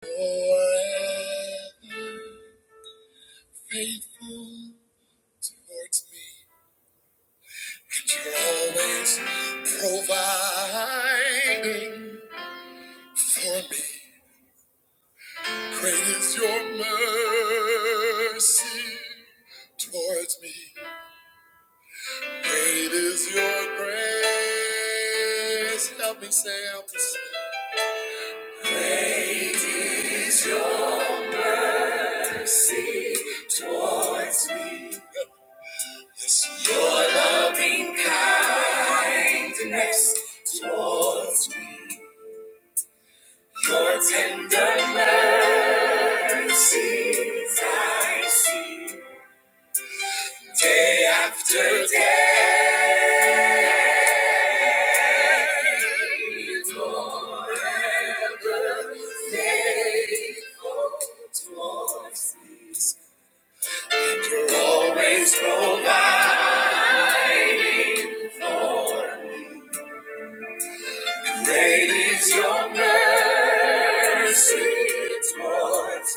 Forever faithful towards me, and you're always providing for me. Great is your mercy towards me. Great is your grace. Help me say out see. Towards me. You're always providing. Great is your mercy towards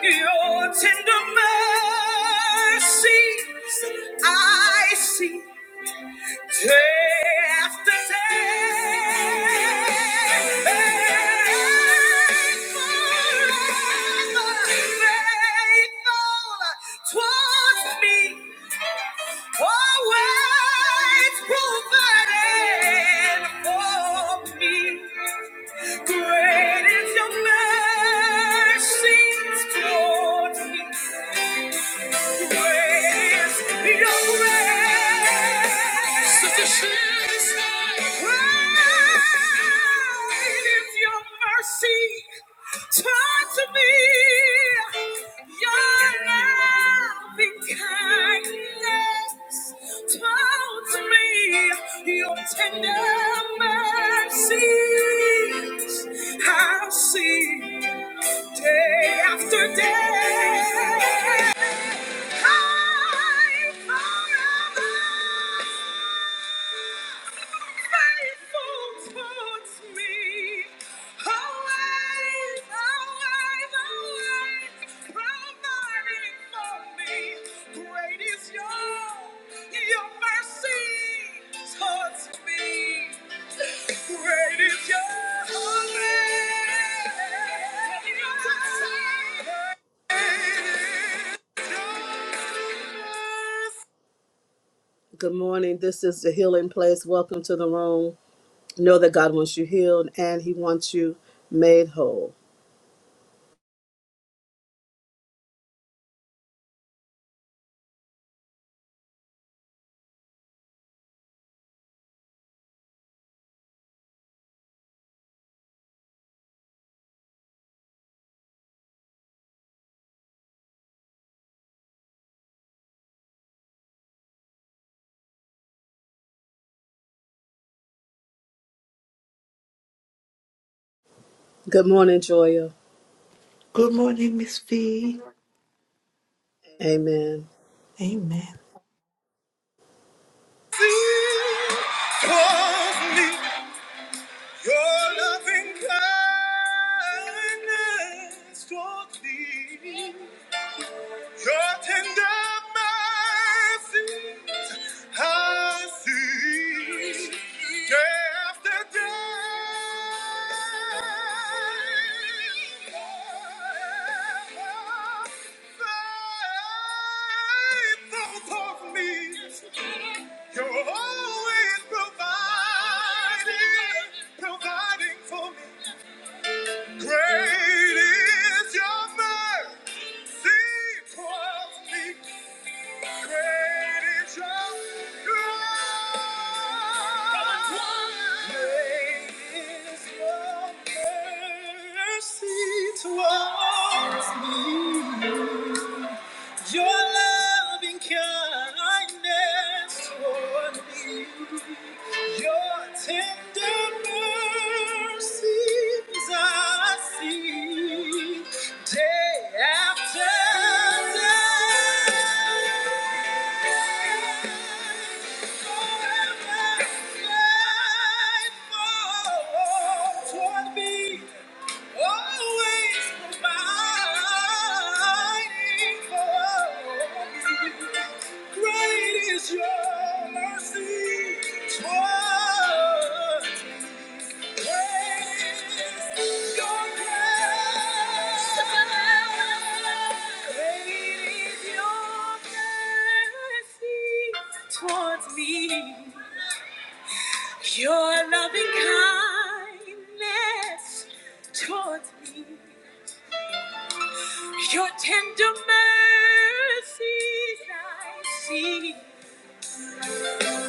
Your tender mercies I see. Day after day, faithful, faithful towards me. Always provided for me. Great is your mercy toward me. Great is your grace. Sufficient is thy grace. If your mercy turns to me, your loving kindness turns to me, your tender mercies I'll see day after day. Great is your mercy. Good morning. This is the Healing Place. Welcome to the room. Know that God wants you healed and He wants you made whole. Good morning, Joya. Good morning, Miss V. Amen. Amen. Draws me, your loving kindness draws me, your tender mercy I see day after day. Faithful for me. You're always providing, providing for me. Great is your mercy. Towards me. Your loving kindness toward me, your tender mercies I see day after day. Great is your mercy toward Towards me, your loving kindness towards me, your tender mercies I see. Day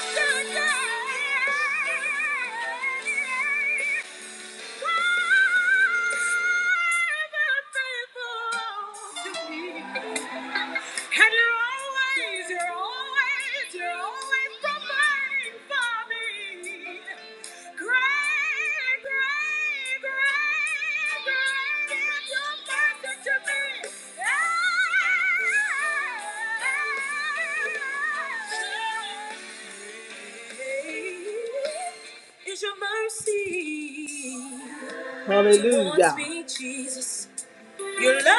after day. forever faithful to me. And you're always, you're always, you're always providing for me. Great, great, great, great is your mercy to me. Great Is your mercy. Hallelujah. Towards me, Jesus. Your loving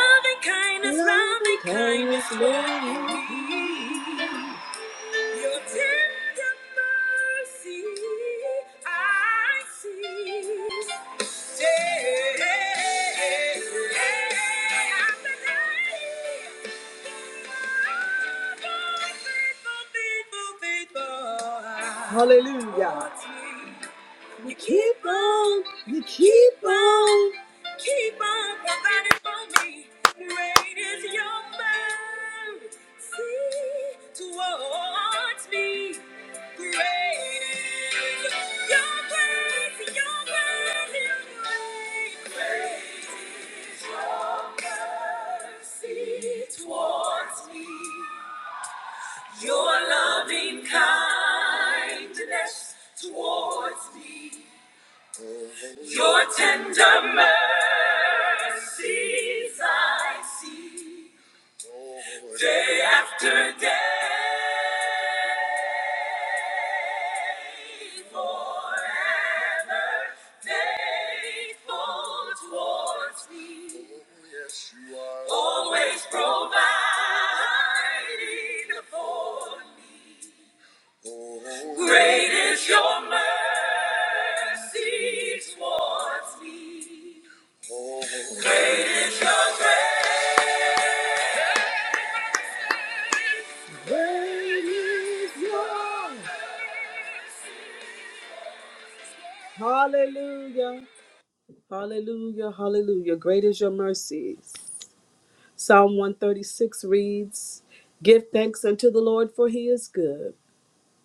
kindness, loving kindness, loving kindness. Your tender mercy, I see. Day after day. Faithful, faithful, faithful, faithful. Hallelujah. You keep on, you keep on, keep on providing for me. Great is your mercy towards me. Great is your grace, your grace, your grace. Great is your mercy towards me. Your loving kindness towards me. Your tender mercies I see day after day. Forever faithful towards me. Yes, you are. Always providing for me. Great is your mercy towards me. Great is your grace. Hallelujah. Hallelujah. Hallelujah. Great is your mercies. Psalm 136 reads Give thanks unto the Lord, for he is good.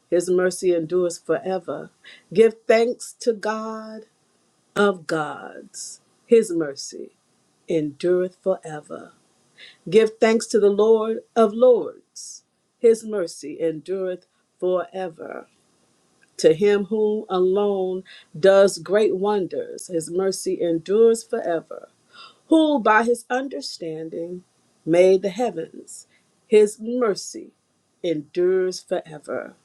His mercy endures forever. Give thanks to God of gods, his mercy. endureth forever. Give thanks to the Lord of Lords. His mercy endureth forever. To him whom alone does great wonders, his mercy endures forever. Who by his understanding made the heavens, his mercy endures forever.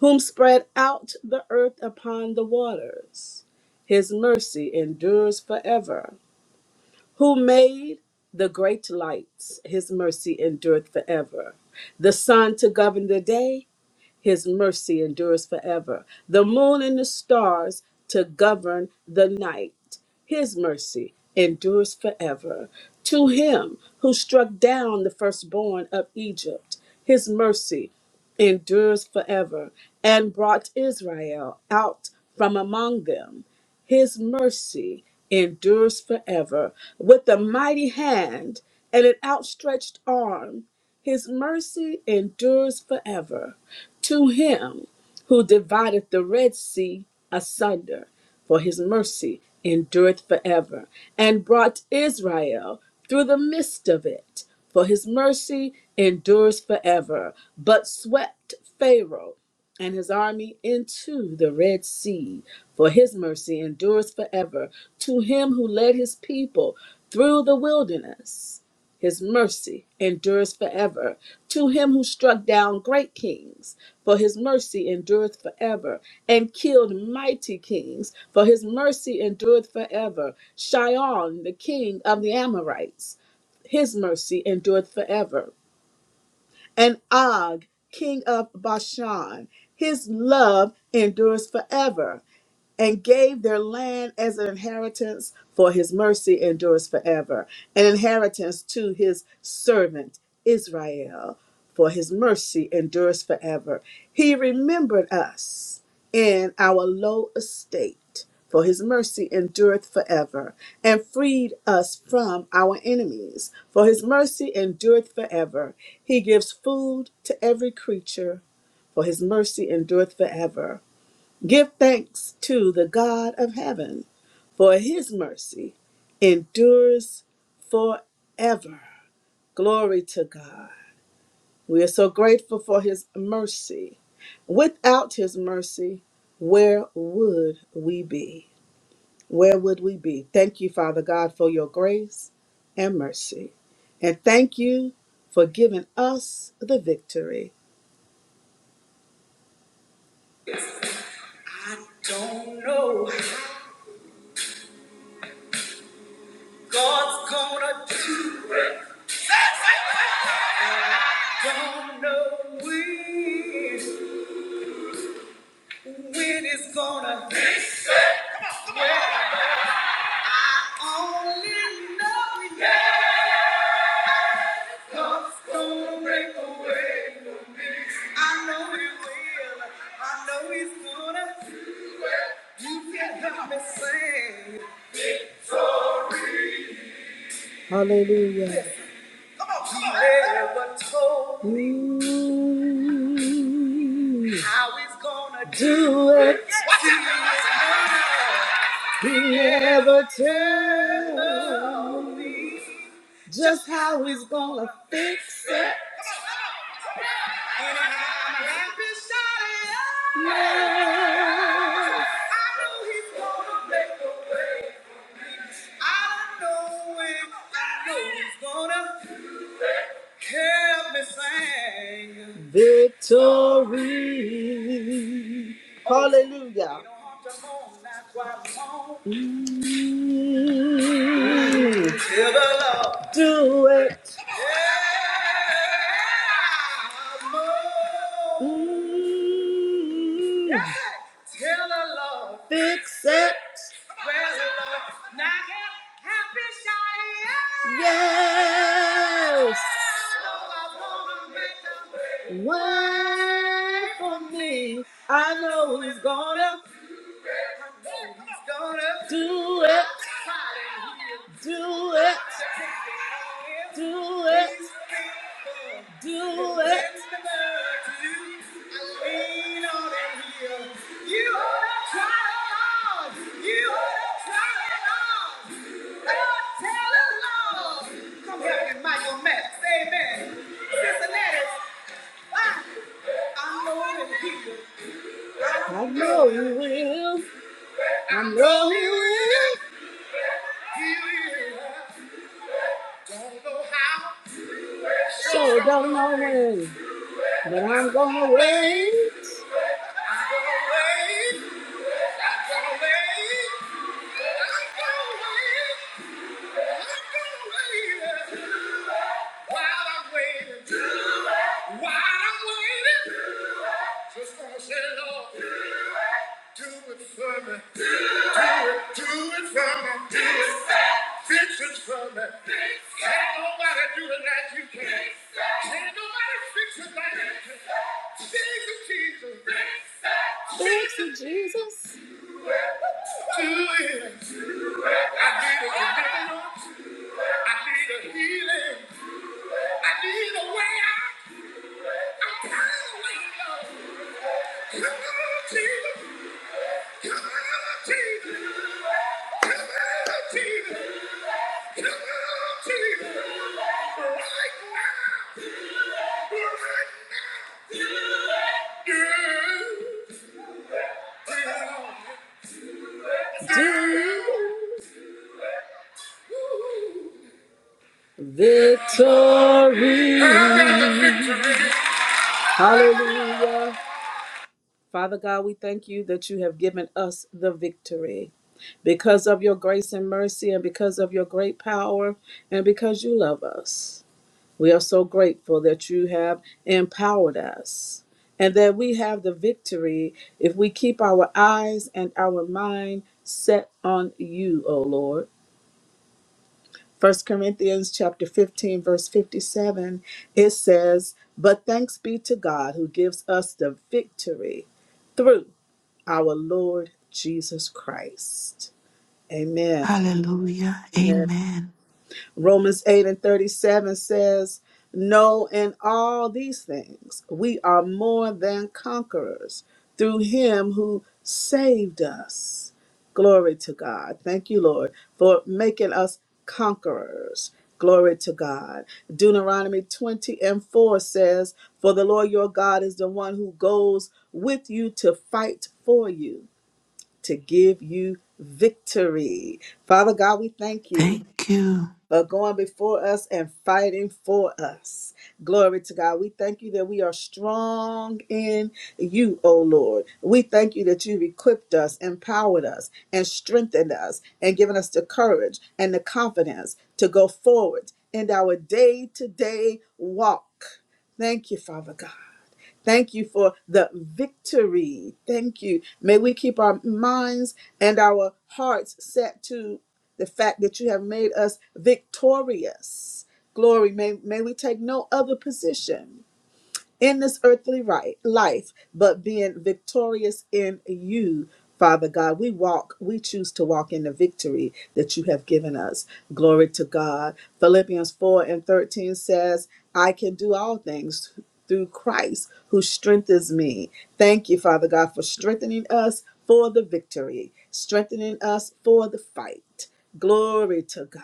Whom spread out the earth upon the waters, his mercy endures forever who made the great lights. His mercy endureth forever. The sun to govern the day his mercy endures forever. The moon and the stars to govern the night. His mercy endures forever. To him who struck down the firstborn of Egypt, his mercy endures forever, and brought Israel out from among them. His mercy endures forever. With a mighty hand and an outstretched arm, his mercy endures forever to him who divideth the Red Sea asunder, for his mercy endureth forever, and brought Israel through the midst of it, for his mercy endures forever, but swept Pharaoh and his army into the Red Sea, for his mercy endures forever, to him who led his people through the wilderness his mercy endures forever. To him who struck down great kings, for his mercy endureth forever, and killed mighty kings, for his mercy endureth forever. Shion, the king of the Amorites, his mercy endureth forever. And Og, king of Bashan, his love endures forever and gave their land as an inheritance, for his mercy endures forever, an inheritance to his servant Israel, for his mercy endures forever. He remembered us in our low estate, for his mercy endureth forever, and freed us from our enemies, for his mercy endureth forever. He gives food to every creature, for his mercy endureth forever. Give thanks to the God of heaven, for his mercy endures forever. Glory to God. We are so grateful for his mercy. Without his mercy, where would we be? Where would we be? Thank you, Father God, for your grace and mercy. And thank you for giving us the victory. I don't know what God's gonna do. Don't know when, when it's gonna only know that God's gonna break away. I know he will. I know he's gonna. You can help me sing. Hallelujah. Never told me how he's gonna do it. He never told. just how he's gonna fix it. Yes. Victory. Hallelujah. Mm, Do it. Mm. fix it. Yes. Wait for me. I know he's gonna do it. Do it. Do it. Do it. I know you will. I know you will. So don't know when, but I'm gonna wait. While I'm waiting, while I'm waiting, just gonna say, Lord, do it for me, do it for me, fix it for me. Can't nobody do it like you can. Can't nobody fix it like you can. Fix it, Jesus. Fix it, Jesus. Do it. I need a deliverance. I need a healing. I need a way out. I'm tired of waiting, Lord. Come on, Jesus. Come on, Jesus. Come on, Jesus. Victory. Hallelujah. Father God, we thank you that you have given us the victory. Because of your grace and mercy, and because of your great power, and because you love us. We are so grateful that you have empowered us and that we have the victory if we keep our eyes and our mind set on you, O Lord. First Corinthians chapter 15 verse 57 it says, "But thanks be to God who gives us the victory through our Lord Jesus Christ." Amen. Hallelujah. Amen. Romans 8 and 37 says, No, in all these things we are more than conquerors through him who saved us. Glory to God. Thank you, Lord, for making us conquerors. Glory to God. Deuteronomy 20 and 4 says, For the Lord your God is the one who goes with you to fight for you, to give you victory. Father God, we thank you Thank you. but going before us and fighting for us. Glory to God. We thank you that we are strong in you, O Lord. We thank you that you've equipped us, empowered us, and strengthened us, and given us the courage and the confidence to go forward in our day to day walk. Thank you, Father God. Thank you for the victory. Thank you. May we keep our minds and our hearts set to the fact that you have made us victorious. Glory. May, may we take no other position in this earthly right, life, but being victorious in you, Father God. We walk, we choose to walk in the victory that you have given us. Glory to God. Philippians 4 and 13 says, I can do all things through Christ who strengthens me. Thank you, Father God, for strengthening us for the victory, strengthening us for the fight. Glory to God.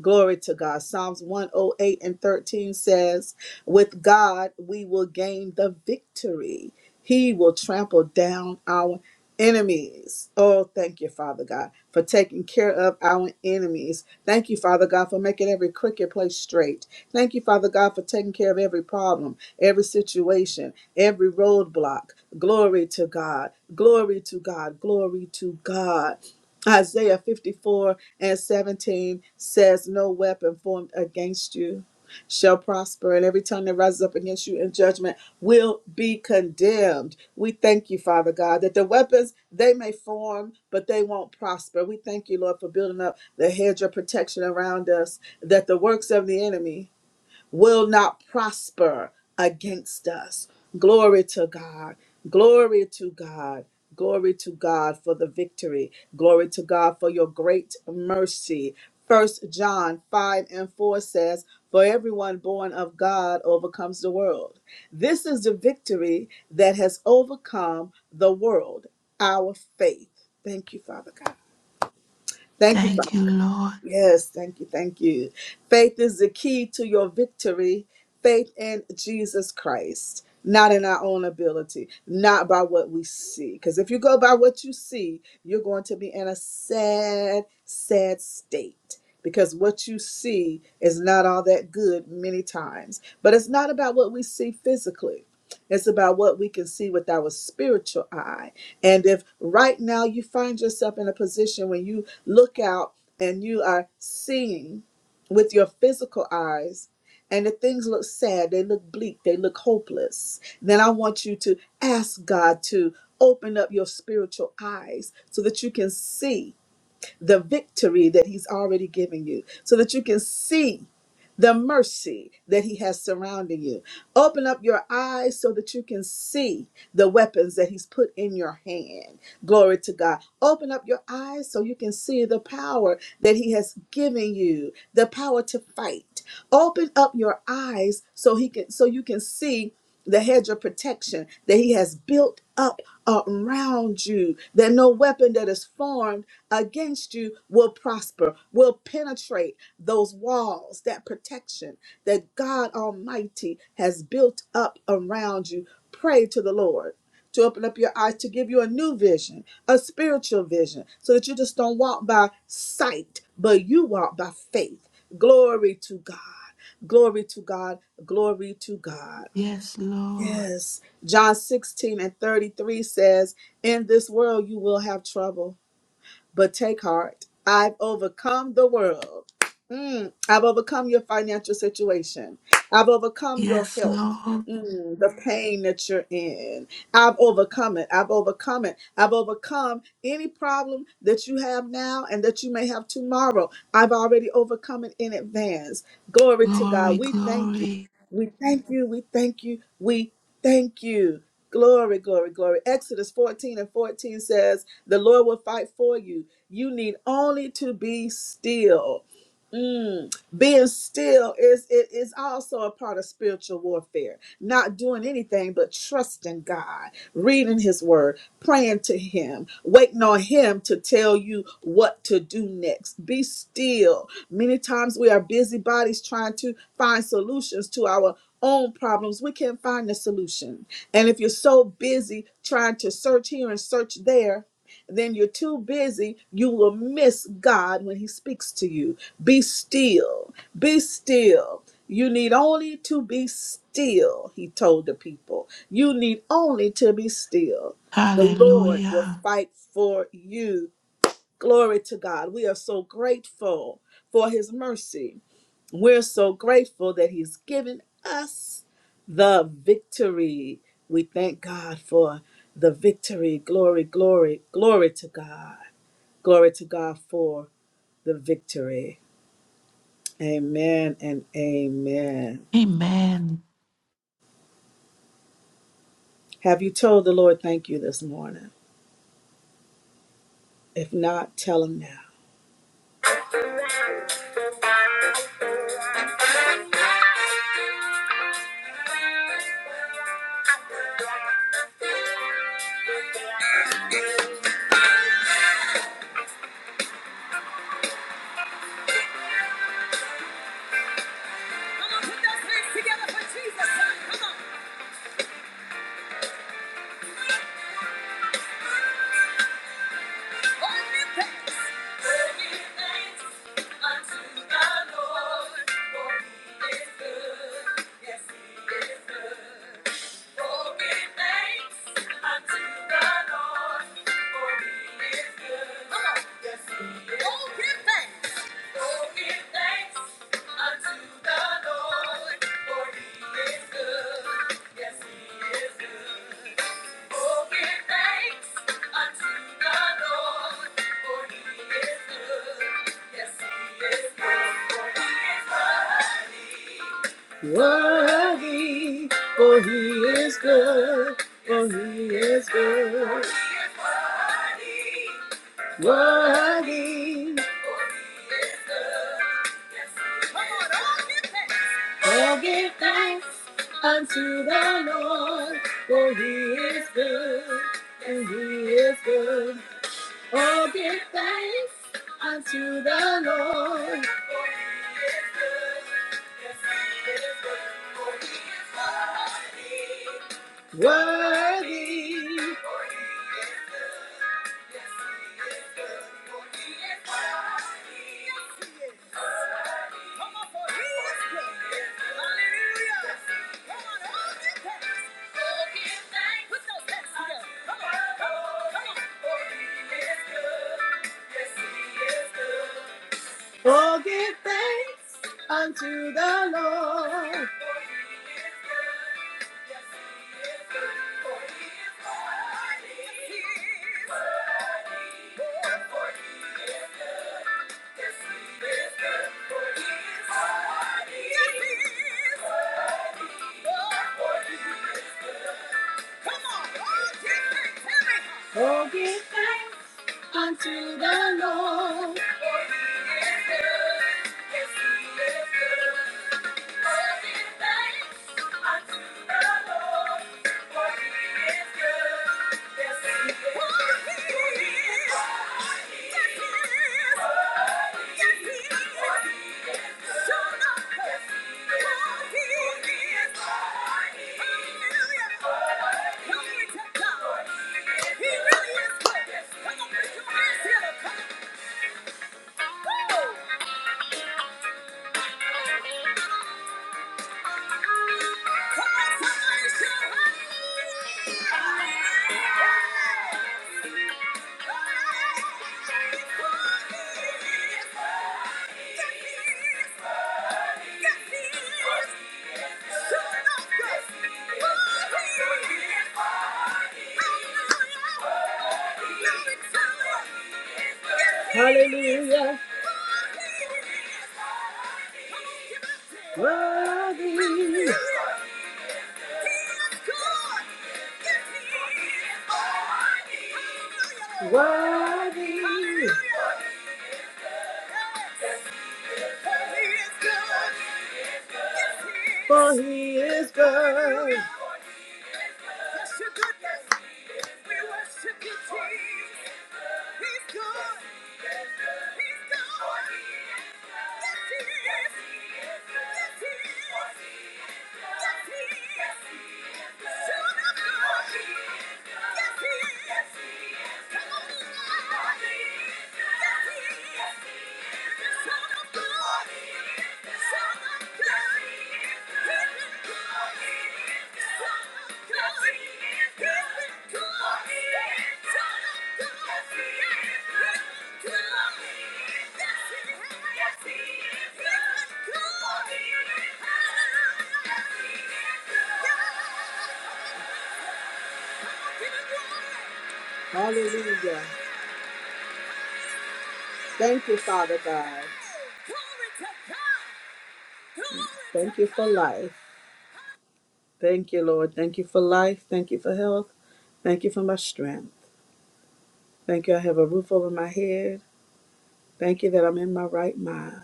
Glory to God. Psalms 108 and 13 says, With God we will gain the victory. He will trample down our enemies. Oh, thank you, Father God, for taking care of our enemies. Thank you, Father God, for making every crooked place straight. Thank you, Father God, for taking care of every problem, every situation, every roadblock. Glory to God. Glory to God. Glory to God. Isaiah 54 and 17 says, No weapon formed against you shall prosper, and every tongue that rises up against you in judgment will be condemned. We thank you, Father God, that the weapons they may form, but they won't prosper. We thank you, Lord, for building up the hedge of protection around us, that the works of the enemy will not prosper against us. Glory to God. Glory to God. Glory to God for the victory. Glory to God for your great mercy. First John 5 and 4 says, For everyone born of God overcomes the world. This is the victory that has overcome the world, our faith. Thank you, Father God. Thank you, Thank you, Father. Lord. Yes, thank you, thank you. Faith is the key to your victory. Faith in Jesus Christ, not in our own ability, not by what we see. Because if you go by what you see, you're going to be in a sad, sad state. Because what you see is not all that good many times. But it's not about what we see physically. It's about what we can see with our spiritual eye. And if right now you find yourself in a position when you look out and you are seeing with your physical eyes, and the things look sad, they look bleak, they look hopeless. Then I want you to ask God to open up your spiritual eyes so that you can see the victory that He's already given you so that you can see the mercy that He has surrounding you. Open up your eyes so that you can see the weapons that He's put in your hand. Glory to God. Open up your eyes so you can see the power that He has given you, the power to fight. Open up your eyes so He can so you can see the hedge of protection that he has built up around you, that no weapon that is formed against you will prosper, will penetrate those walls, that protection that God Almighty has built up around you. Pray to the Lord to open up your eyes, to give you a new vision, a spiritual vision, so that you just don't walk by sight, but you walk by faith. Glory to God. Glory to God. Glory to God. Yes, Lord. Yes. John 16 and 33 says, In this world you will have trouble, but take heart. I've overcome the world. Mm, I've overcome your financial situation. I've overcome your Yes, health. Lord. Mm, the pain that you're in. I've overcome it. I've overcome it. I've overcome any problem that you have now and that you may have tomorrow. I've already overcome it in advance. Glory to God. Glory, We thank you. glory. We thank you. We thank you. We thank you. Glory, glory, glory. Exodus 14 and 14 says, The Lord will fight for you. You need only to be still Mm, being still is it is also a part of spiritual warfare. Not doing anything but trusting God, reading His Word, praying to Him, waiting on Him to tell you what to do next. Be still. Many times we are busybodies trying to find solutions to our own problems. We can't find the solution, and if you're so busy trying to search here and search there then you're too busy. You will miss God when He speaks to you. Be still. Be still. You need only to be still, He told the people. You need only to be still. Hallelujah. Fight for you. Glory to God. We are so grateful for His mercy. We're so grateful that He's given us the victory. We thank God for the victory. Glory, glory, glory to God. Glory to God for the victory. Amen and amen. Amen. Have you told the Lord thank you this morning? If not, tell him now. Come on, put those hands together for Jesus. Come on. Yes, he is good. Oh, give thanks unto the Lord, for He is good. Yes, He is good, for He is worthy. Worthy, for He is good, for He is good. He is worthy. Worthy. Come on, all give thanks. All give thanks unto the Lord, for he is good, and he is good. All give thanks unto the Lord. for he is good. Yes, he is good. For he is worthy. Worthy. Oh, give thanks unto the Lord. Come on, all different territories. Hallelujah. Glory to God. He really is good. Come on, put your hands together. Come Woo! Hallelujah. Worthy. Worthy. For he is good. Yes He is Hallelujah. Thank you, Father God. Thank you for life. Thank you, Lord. Thank you for life. Thank you for health. Thank you for my strength. Thank you, I have a roof over my head. Thank you that I'm in my right mind.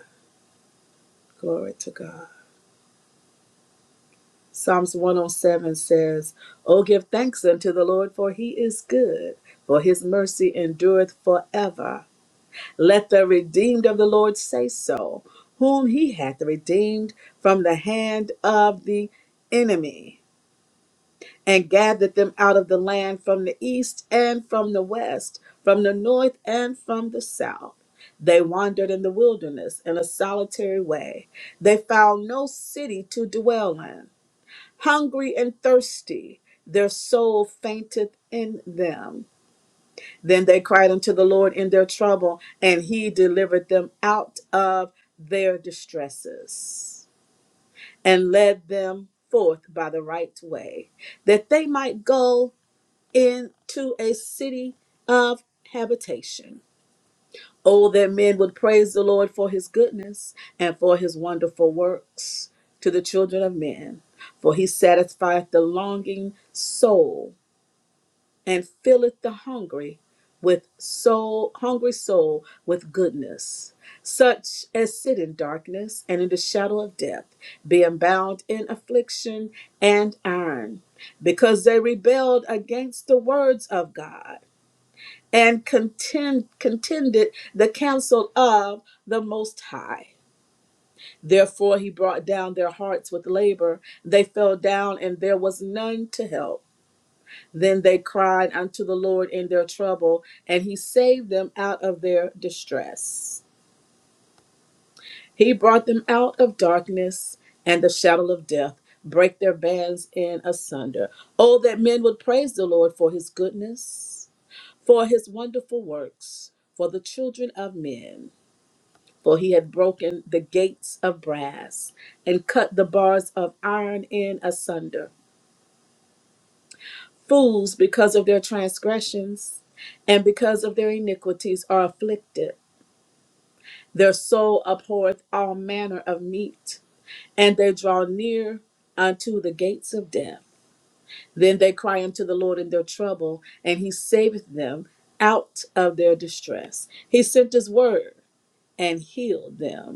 Glory to God. Psalms 107 says, Oh, give thanks unto the Lord, for he is good, for his mercy endureth forever. Let the redeemed of the Lord say so, whom he hath redeemed from the hand of the enemy. and gathered them out of the land from the east and from the west, from the north and from the south. They wandered in the wilderness in a solitary way. They found no city to dwell in. Hungry and thirsty, their soul fainteth in them. Then they cried unto the Lord in their trouble, and he delivered them out of their distresses and led them forth by the right way, that they might go into a city of habitation. Oh, that men would praise the Lord for his goodness and for his wonderful works to the children of men. For he satisfieth the longing soul and filleth the hungry with soul, hungry soul with goodness. Such as sit in darkness and in the shadow of death, being bound in affliction and iron, because they rebelled against the words of God and contend, contended the counsel of the Most High. Therefore, he brought down their hearts with labor. They fell down, and there was none to help. Then they cried unto the Lord in their trouble, and he saved them out of their distress. He brought them out of darkness and the shadow of death, break their bands in asunder. Oh, that men would praise the Lord for his goodness, for his wonderful works, for the children of men. for he had broken the gates of brass and cut the bars of iron in asunder. Fools, because of their transgressions and because of their iniquities, are afflicted. Their soul abhorreth all manner of meat, and they draw near unto the gates of death. Then they cry unto the Lord in their trouble, and he saveth them out of their distress. He sent his word and healed them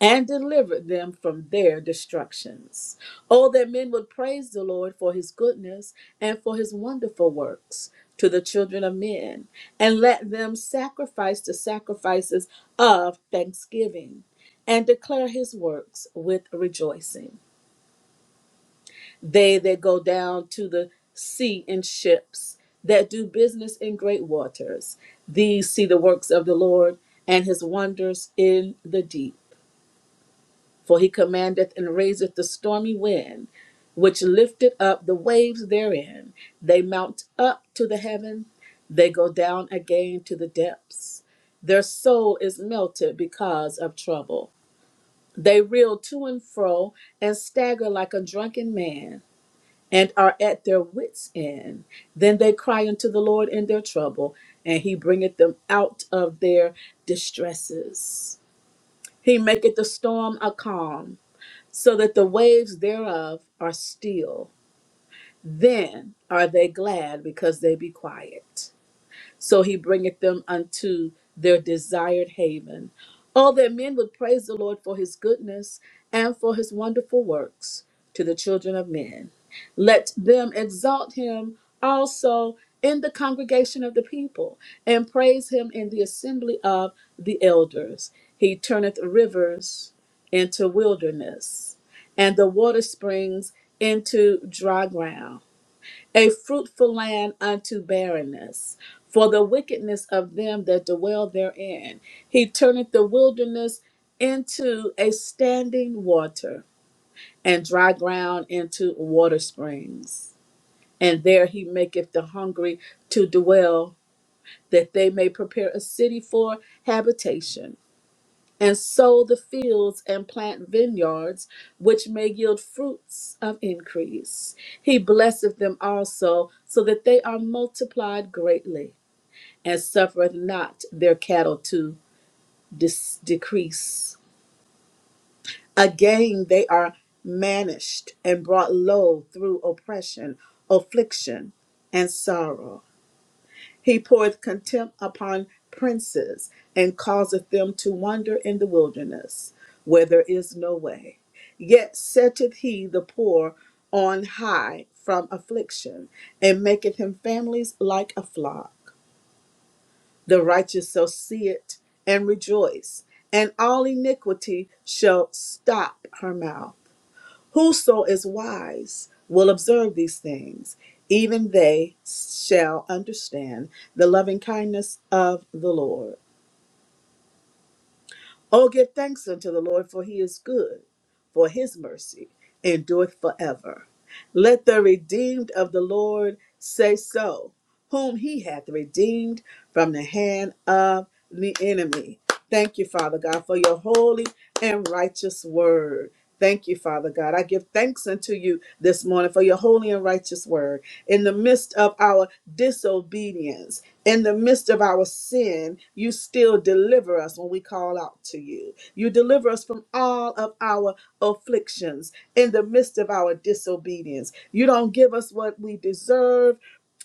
and delivered them from their destructions. Oh, that men would praise the Lord for his goodness and for his wonderful works to the children of men, and let them sacrifice the sacrifices of thanksgiving and declare his works with rejoicing. They that go down to the sea in ships, that do business in great waters, these see the works of the Lord and his wonders in the deep. For he commandeth and raiseth the stormy wind, which lifteth up the waves therein. They mount up to the heaven, they go down again to the depths. Their soul is melted because of trouble. They reel to and fro and stagger like a drunken man, and are at their wits' end. Then they cry unto the Lord in their trouble, and he bringeth them out of their distresses. He maketh the storm a calm so that the waves thereof are still. Then are they glad because they be quiet so he bringeth them unto their desired haven. All that men would praise the Lord for his goodness and for his wonderful works to the children of men. Let them exalt him also in the congregation of the people, and praise him in the assembly of the elders. He turneth rivers into wilderness, and the water springs into dry ground a fruitful land unto barrenness, for the wickedness of them that dwell therein. He turneth the wilderness into a standing water, and dry ground into water springs. And there he maketh the hungry to dwell, that they may prepare a city for habitation and sow the fields and plant vineyards, which may yield fruits of increase. He blesseth them also, so that they are multiplied greatly, and suffereth not their cattle to dis- decrease. Again, they are manished and brought low through oppression, affliction, and sorrow. He poureth contempt upon princes, and causeth them to wander in the wilderness, where there is no way. Yet setteth he the poor on high from affliction, and maketh him families like a flock. The righteous shall see it and rejoice, and all iniquity shall stop her mouth. Whoso is wise will observe these things, even they shall understand the loving kindness of the Lord. Oh, give thanks unto the Lord, for he is good, for his mercy endureth forever. Let the redeemed of the Lord say so, whom he hath redeemed from the hand of the enemy. Thank you, Father God, for your holy and righteous word. Thank you, Father God. I give thanks unto you this morning for your holy and righteous word. In the midst of our disobedience, in the midst of our sin, you still deliver us when we call out to you. You deliver us from all of our afflictions in the midst of of our disobedience. You don't give us what we deserve,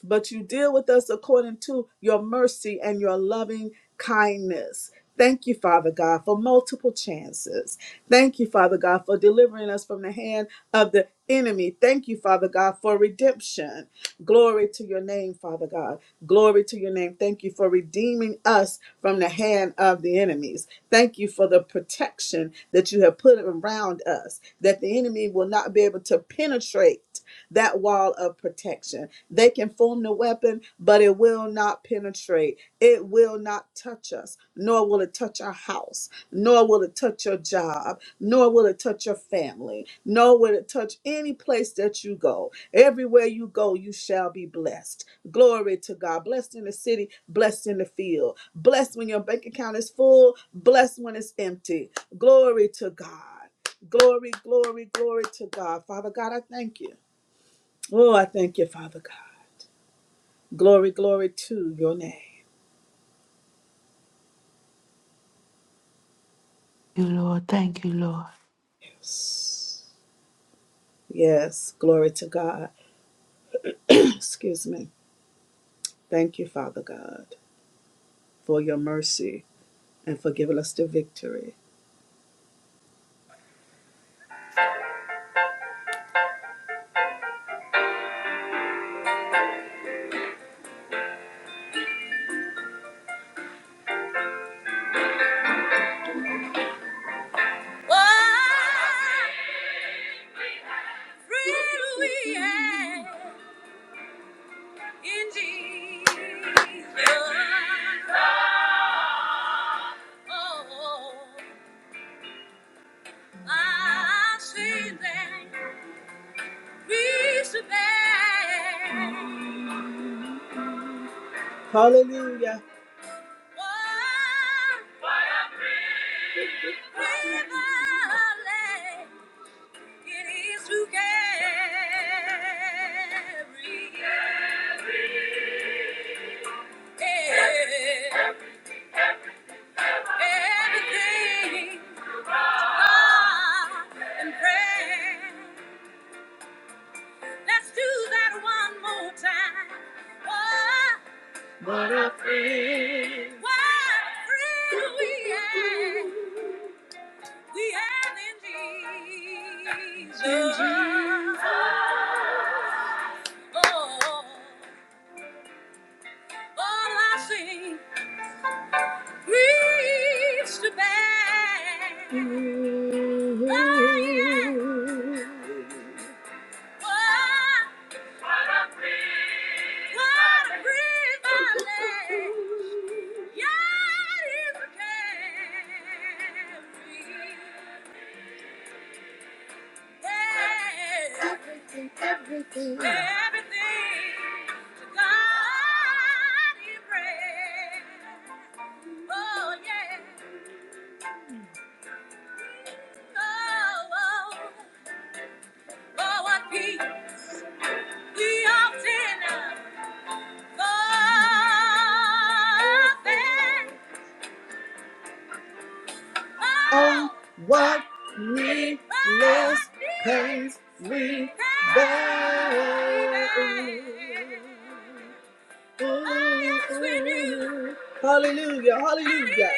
but you deal with us according to your mercy and your loving kindness. Thank you, Father God, for multiple chances. Thank you, Father God, for delivering us from the hand of the enemy. Thank you, Father God, for redemption. Glory to your name, Father God. Glory to your name. Thank you for redeeming us from the hand of the enemies. Thank you for the protection that you have put around us, that the enemy will not be able to penetrate that wall of protection. They can form the weapon, but it will not penetrate afraid. It will not touch us, nor will it touch our house, nor will it touch your job, nor will it touch your family, nor will it touch any place that you go. Everywhere you go, you shall be blessed. Glory to God. Blessed in the city, blessed in the field, blessed when your bank account is full, blessed when it's empty. Glory to God. Glory, glory, glory to God. Father God, I thank you. Oh, I thank you, Father God. Glory, glory to your name. You, Lord. Thank you, Lord. Yes, glory to God. Excuse me. Thank you, Father God, for your mercy and for giving us the victory. What freedom we have Oh, I've seen that we should bear. Hallelujah. What freedom It is to carry everything God and prayer. Let's do that one more time. What what a friend. What a friend we have. We have in Jesus. In Jesus. Oh, all I sing grieves to bear. Mm-hmm. He often forfeits. on what needless pains we bear. Hallelujah, hallelujah.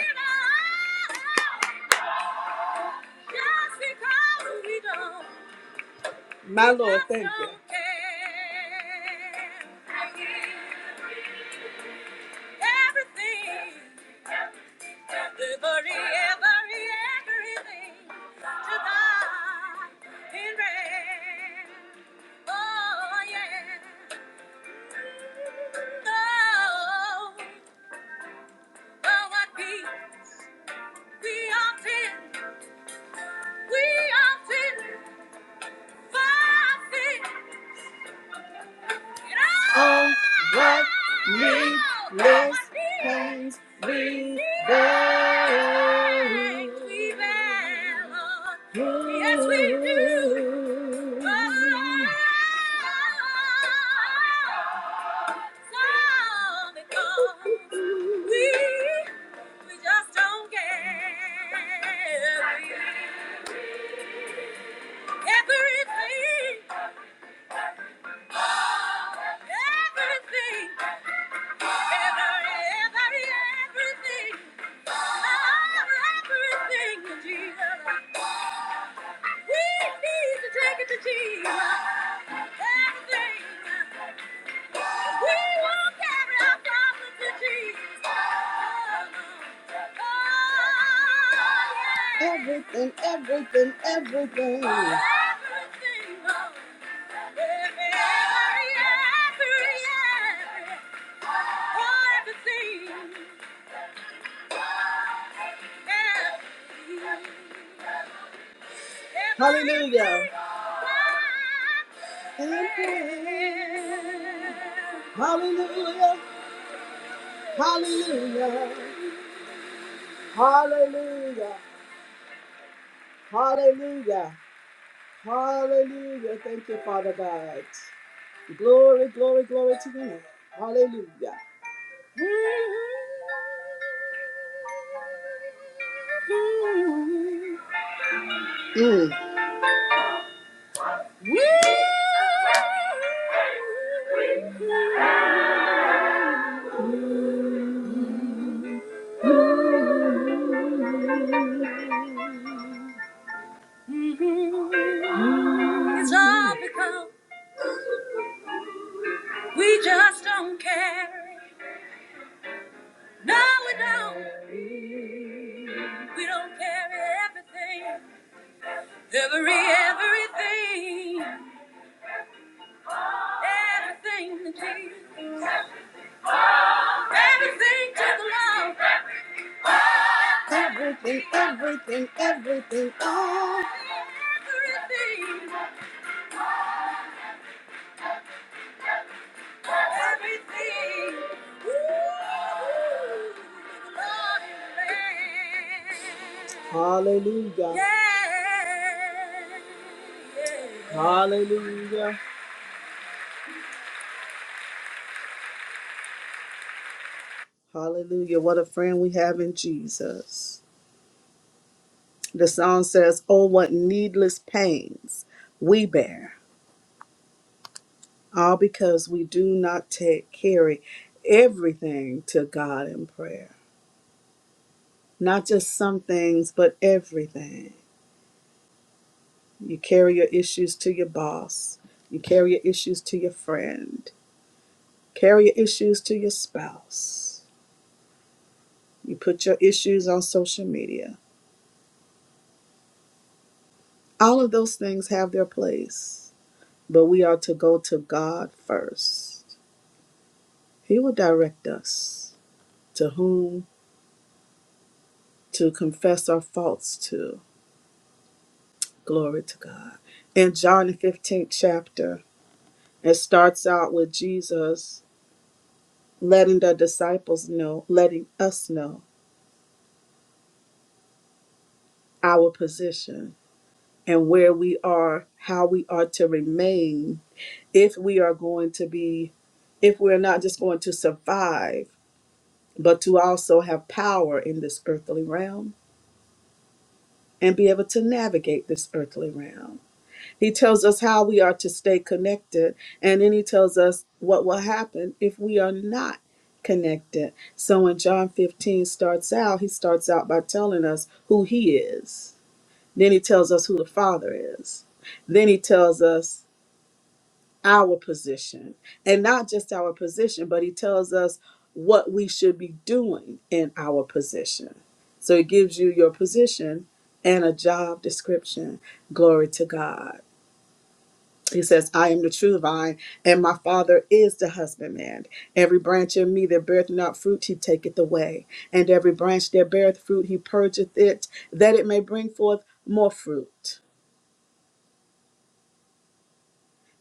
My Lord, thank you. Everything. Every, every, everything to God in red. Oh, yeah. Oh, oh, what we, we often, we often, forfeit Oh, what needless pains we bear. Yes, we do. Oh, so because we we just don't care. Everything, everything. Everything, everything, everything. Oh, Everything, Lord. Every, every, every. every. Oh, everything. Hallelujah. Hallelujah. Hallelujah. Hallelujah. Hallelujah. Hallelujah. Thank you, Father God. Glory, glory, glory to you. Hallelujah. Mm. It's all because we just don't care. No, we don't. We don't care everything. Every, everything. Everything to Jesus. Everything to the Lord. Everything, everything, everything. Oh. Everything. Everything. Ooh, the Lord. is there. Hallelujah. Hallelujah. Hallelujah. What a friend we have in Jesus. The song says, Oh, what needless pains we bear, all because we do not take carry everything to God in prayer. Not just some things, but everything. You carry your issues to your boss, you carry your issues to your friend, carry your issues to your spouse. You put your issues on social media. All of those things have their place, but we are to go to God first. He will direct us to whom to confess our faults to. Glory to God. In John, the 15th chapter, it starts out with Jesus letting the disciples know, letting us know our position and where we are, how we are to remain if we are going to be, if we're not just going to survive, but to also have power in this earthly realm and be able to navigate this earthly realm. He tells us how we are to stay connected, and then he tells us what will happen if we are not connected. So when John 15 starts out, he starts out by telling us who he is. Then he tells us who the Father is. Then he tells us our position and not just our position but he tells us what we should be doing in our position so it gives you your position and a job description glory to god he says i am the true vine and my father is the husbandman every branch in me that beareth not fruit he taketh away and every branch that beareth fruit he purgeth it that it may bring forth more fruit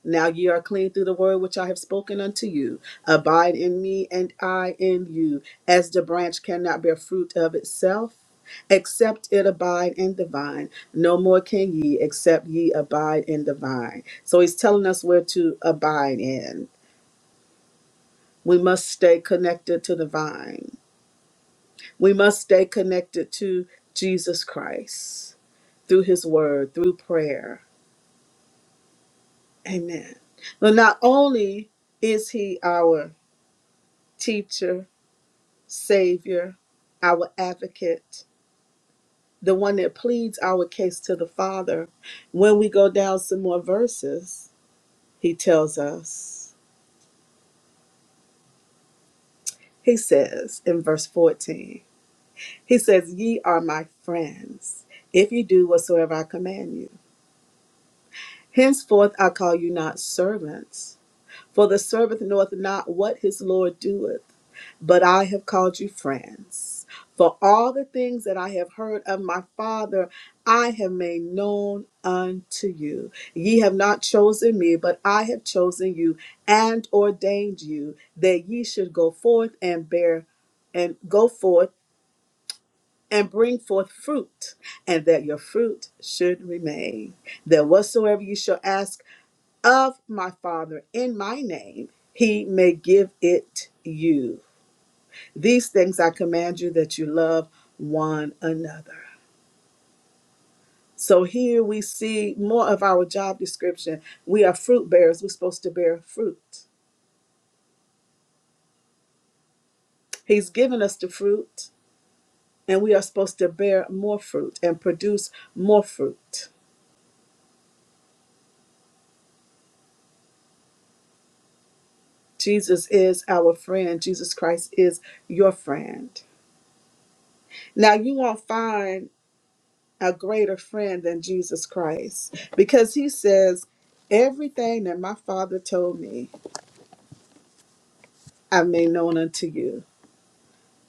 Now ye are clean through the word which I have spoken unto you. Abide in me, and I in you. As the branch cannot bear fruit of itself, except it abide in the vine, no more can ye, except ye abide in the vine. So he's telling us where to abide in. We must stay connected to the vine, we must stay connected to Jesus Christ through his word, through prayer. Amen. But not only is he our teacher, Savior, our advocate, the one that pleads our case to the Father. When we go down some more verses, he tells us, he says in verse 14, he says, Ye are my friends, if ye do whatsoever I command you. Henceforth I call you not servants For the servant knoweth not what his Lord doeth. But I have called you friends. For all the things that I have heard of my Father, I have made known unto you. Ye have not chosen me, but I have chosen you and ordained you that ye should go forth and bear and go forth and bring forth fruit, and that your fruit should remain. That whatsoever you shall ask of my Father in my name, he may give it you. These things I command you that you love one another. So here we see more of our job description. We are fruit bearers, we're supposed to bear fruit. He's given us the fruit, and we are supposed to bear more fruit and produce more fruit. Jesus is our friend. Jesus Christ is your friend. Now, you won't find a greater friend than Jesus Christ because he says, Everything that my Father told me, I made known unto you.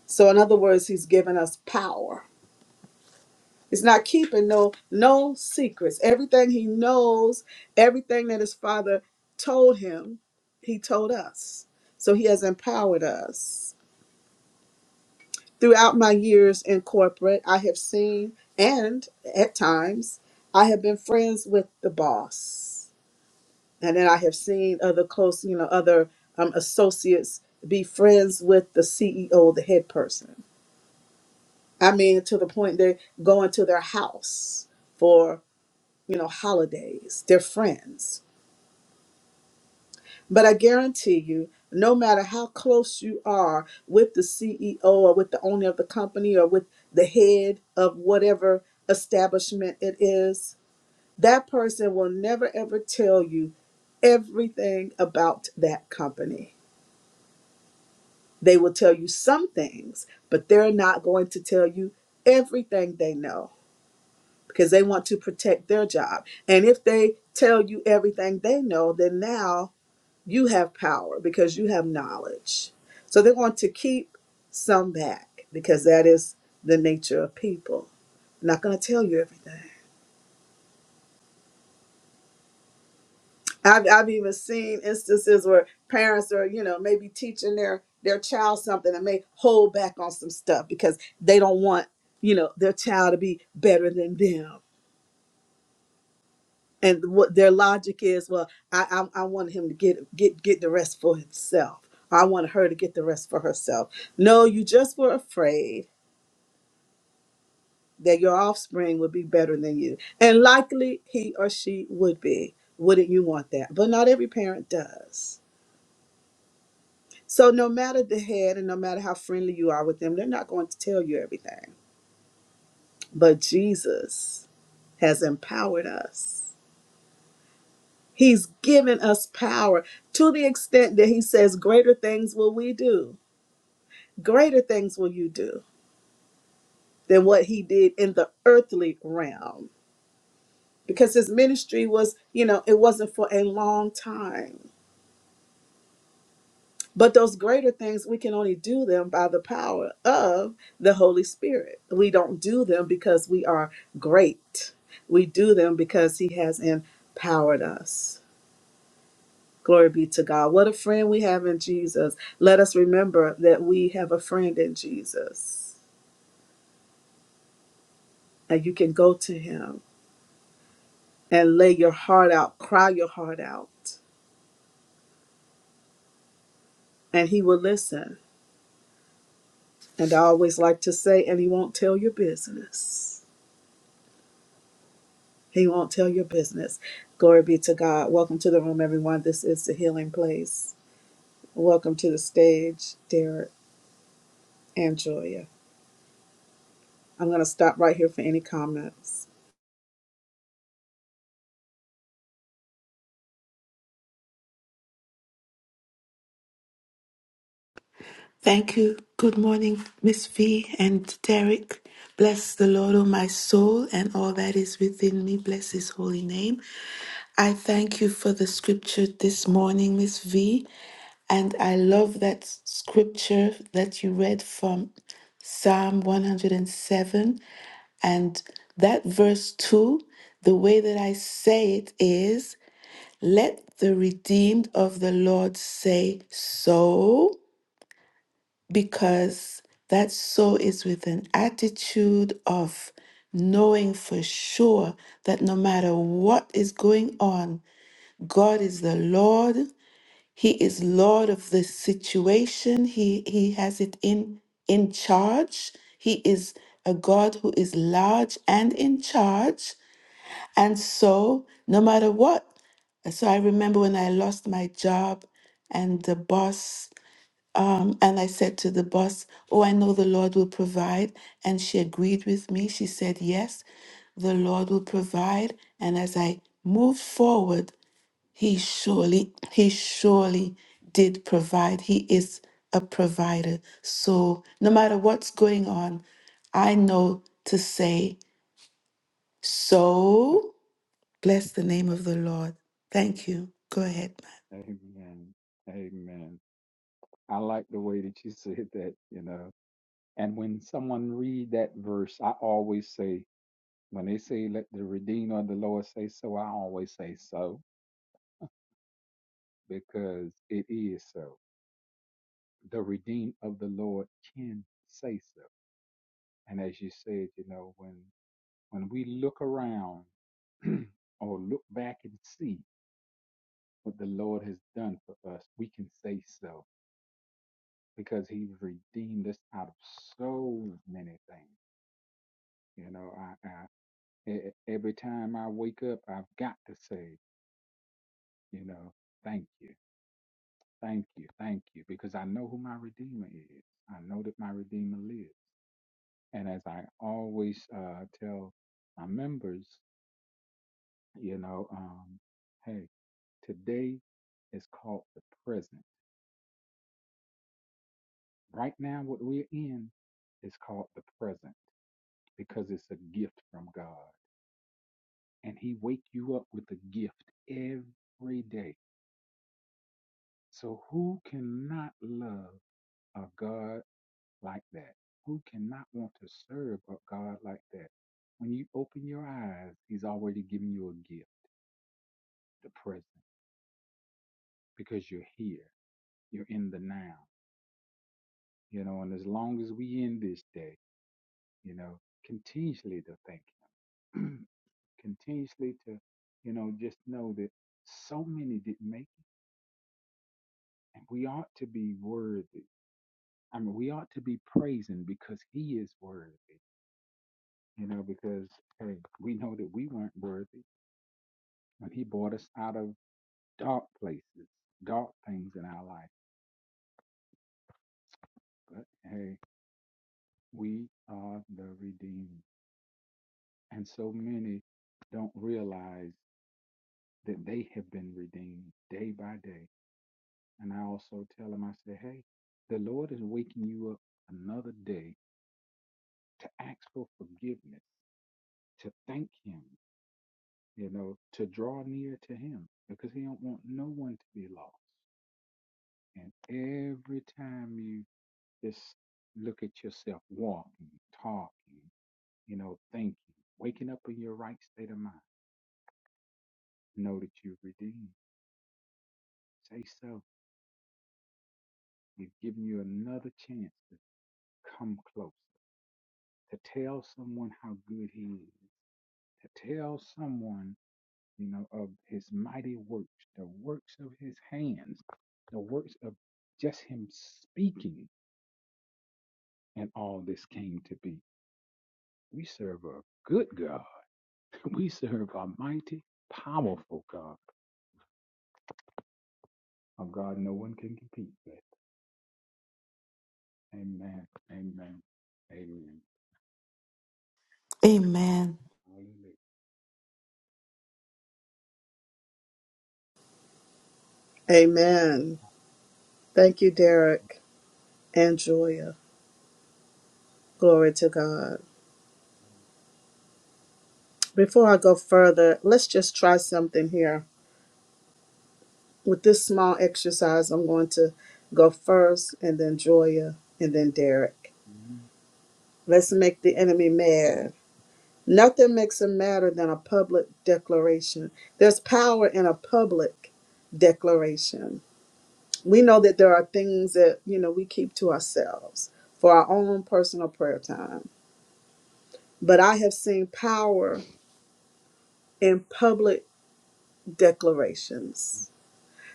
So, in other words, he's given us power. He's not keeping no no secrets. Everything he knows, everything that his father told him, he told us. So he has empowered us. Throughout my years in corporate, I have seen and at times I have been friends with the boss and then I have seen other close, you know, other um, associates be friends with the CEO, the head person. I mean, to the point they go into their house for, you know, holidays. They're friends. But I guarantee you, no matter how close you are with the CEO or with the owner of the company or with the head of whatever establishment it is, that person will never ever tell you everything about that company They will tell you some things, but they're not going to tell you everything they know because they want to protect their job. And if they tell you everything they know, then now you have power because you have knowledge. So they want to keep some back because that is the nature of people. Not going to tell you everything. I've I've even seen instances where parents are, you know, maybe teaching their their child something and may hold back on some stuff because they don't want, you know, their child to be better than them. And what their logic is, well, I I, I want him to get get get the rest for himself. I want her to get the rest for herself. No, you just were afraid that your offspring would be better than you. And likely he or she would be. Wouldn't you want that? But not every parent does. So no matter the head and no matter how friendly you are with them, they're not going to tell you everything. But Jesus has empowered us. He's given us power to the extent that he says greater things will we do. Greater things will you do than what he did in the earthly realm. Because his ministry was, you know, it wasn't for a long time. But those greater things, we can only do them by the power of the Holy Spirit. We don't do them because we are great. We do them because He has empowered us. Glory be to God. What a friend we have in Jesus. Let us remember that we have a friend in Jesus. And you can go to Him and lay your heart out, cry your heart out, and He will listen. And I always like to say, and He won't tell your business. He won't tell your business. Glory be to God. Welcome to the room, everyone. This is the healing place. Welcome to the stage, Derek and Joya. I'm going to stop right here for any comments. Thank you. Good morning, Miss V and Derek. Bless the Lord, O my soul, and all that is within me. Bless his holy name. I thank you for the scripture this morning, Miss V. And I love that scripture that you read from Psalm 107. And seven. And that verse 2, the way that I say it is, let the redeemed of the Lord say so because that soul is with an attitude of knowing for sure that no matter what is going on, God is the Lord. He is Lord of the situation. He he has it in in charge. He is a God who is large and in charge. And so, no matter what, so I remember when I lost my job and the boss um, and I said to the boss, Oh, I know the Lord will provide. And she agreed with me. She said, Yes, the Lord will provide. And as I moved forward, He surely, He surely did provide. He is a provider. So no matter what's going on, I know to say, So bless the name of the Lord. Thank you. Go ahead. Amen. Amen. I like the way that you said that, you know. And when someone read that verse, I always say, when they say, let the Redeemer of the Lord say so, I always say so, because it is so. The Redeemer of the Lord can say so. And as you said, you know, when when we look around or look back and see what the Lord has done for us, we can say so because he redeemed us out of so many things. You know, I, I e- e- every time I wake up, I've got to say, you know, thank you, thank you, thank you, because I know who my redeemer is. I know that my redeemer lives. And as I always uh, tell my members, you know, um, hey, today is called the present. Right now, what we're in is called the present because it's a gift from God. and he wake you up with a gift every day. So who cannot love a God like that? Who cannot want to serve a God like that? When you open your eyes, he's already giving you a gift, the present, because you're here. You're in the now. You know, and as long as we in this day, you know, continuously to thank him. continuously to, you know, just know that so many didn't make it. And we ought to be worthy I mean, we ought to be praising because he is worthy, you know, because hey, we know that we weren't worthy when he brought us out of dark places, dark things in our life. But hey, we are the redeemed. And so many don't realize that they have been redeemed day by day. And I also tell them, I say, hey, the Lord is waking you up another day to ask for forgiveness, to thank him you know, to draw near to him because he don't want no one to be lost. And every time you just look at yourself walking, talking, you know, thinking, waking up in your right state of mind, know that you're redeemed. Say so. He's giving you another chance to come closer, to tell someone how good he is, to tell someone, you know, of his mighty works, the works of his hands, the works of just him speaking and all this came to be. We serve a good God. We serve a mighty, powerful God. A God no one can compete with. Amen. Amen. Amen. ma'am. Amen. Amen. Thank you, Derek and Joya. Glory to God. Before I go further, let's just try something here. With this small exercise, I'm going to go first, and then Joya, and then Derek. Let's make the enemy mad. Hallelujah. Nothing makes it matter than a public declaration. There's power in a public declaration. We know that there are things that, you know, we keep to ourselves for our own personal prayer time. But I have seen power in public declarations.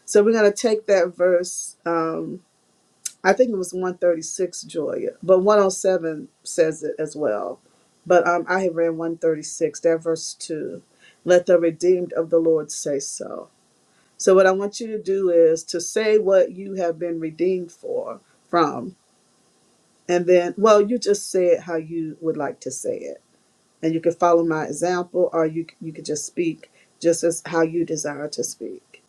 So we're going to take that verse um, I think it was 136, Julia, but 107 says it as well. But um, I have read 136, that verse 2. Let the redeemed of the Lord say so. So, what I want you to do is to say what you have been redeemed for, from, and then, well, you just say it how you would like to say it. And you can follow my example, or you, you could just speak just as how you desire to speak.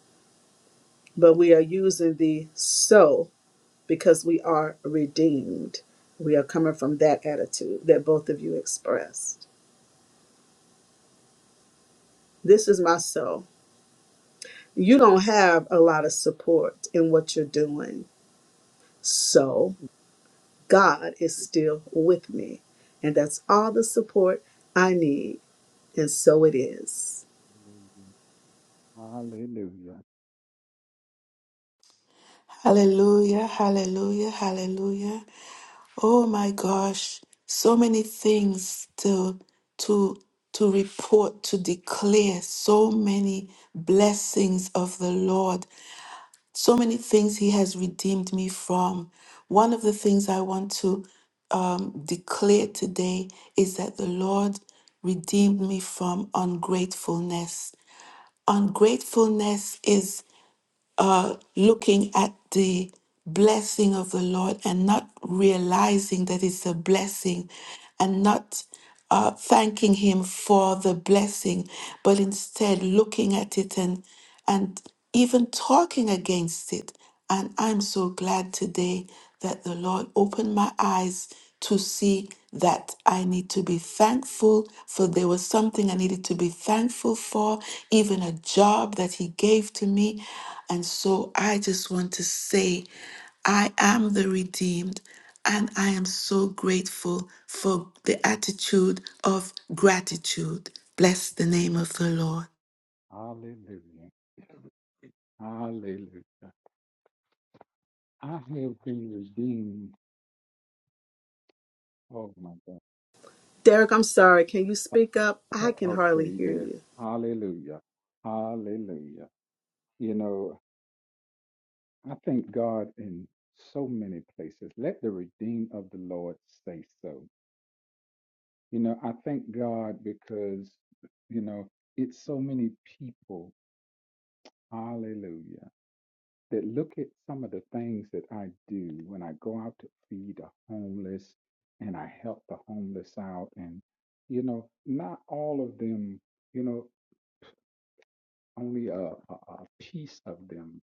But we are using the so because we are redeemed. We are coming from that attitude that both of you expressed. This is myself. You don't have a lot of support in what you're doing. So God is still with me. And that's all the support I need. And so it is. Hallelujah. Hallelujah, hallelujah, hallelujah. Oh my gosh, so many things to to to report, to declare, so many blessings of the Lord, so many things He has redeemed me from. One of the things I want to um, declare today is that the Lord redeemed me from ungratefulness. Ungratefulness is uh, looking at the blessing of the Lord and not realizing that it's a blessing and not uh, thanking Him for the blessing, but instead looking at it and, and even talking against it and I'm so glad today that the Lord opened my eyes to see that I need to be thankful for there was something I needed to be thankful for, even a job that He gave to me. And so I just want to say, I am the redeemed, and I am so grateful for the attitude of gratitude. Bless the name of the Lord. Hallelujah. Hallelujah. Hallelujah. I have been redeemed. Oh my God. Derek, I'm sorry. Can you speak up? I can hardly Okay, hear yes. you. Hallelujah. Hallelujah. You know, I thank God in so many places. Let the redeemed of the Lord say so. You know, I thank God because, you know, it's so many people, hallelujah, that look at some of the things that I do when I go out to feed the homeless and I help the homeless out. And, you know, not all of them, you know, only a, a, a piece of them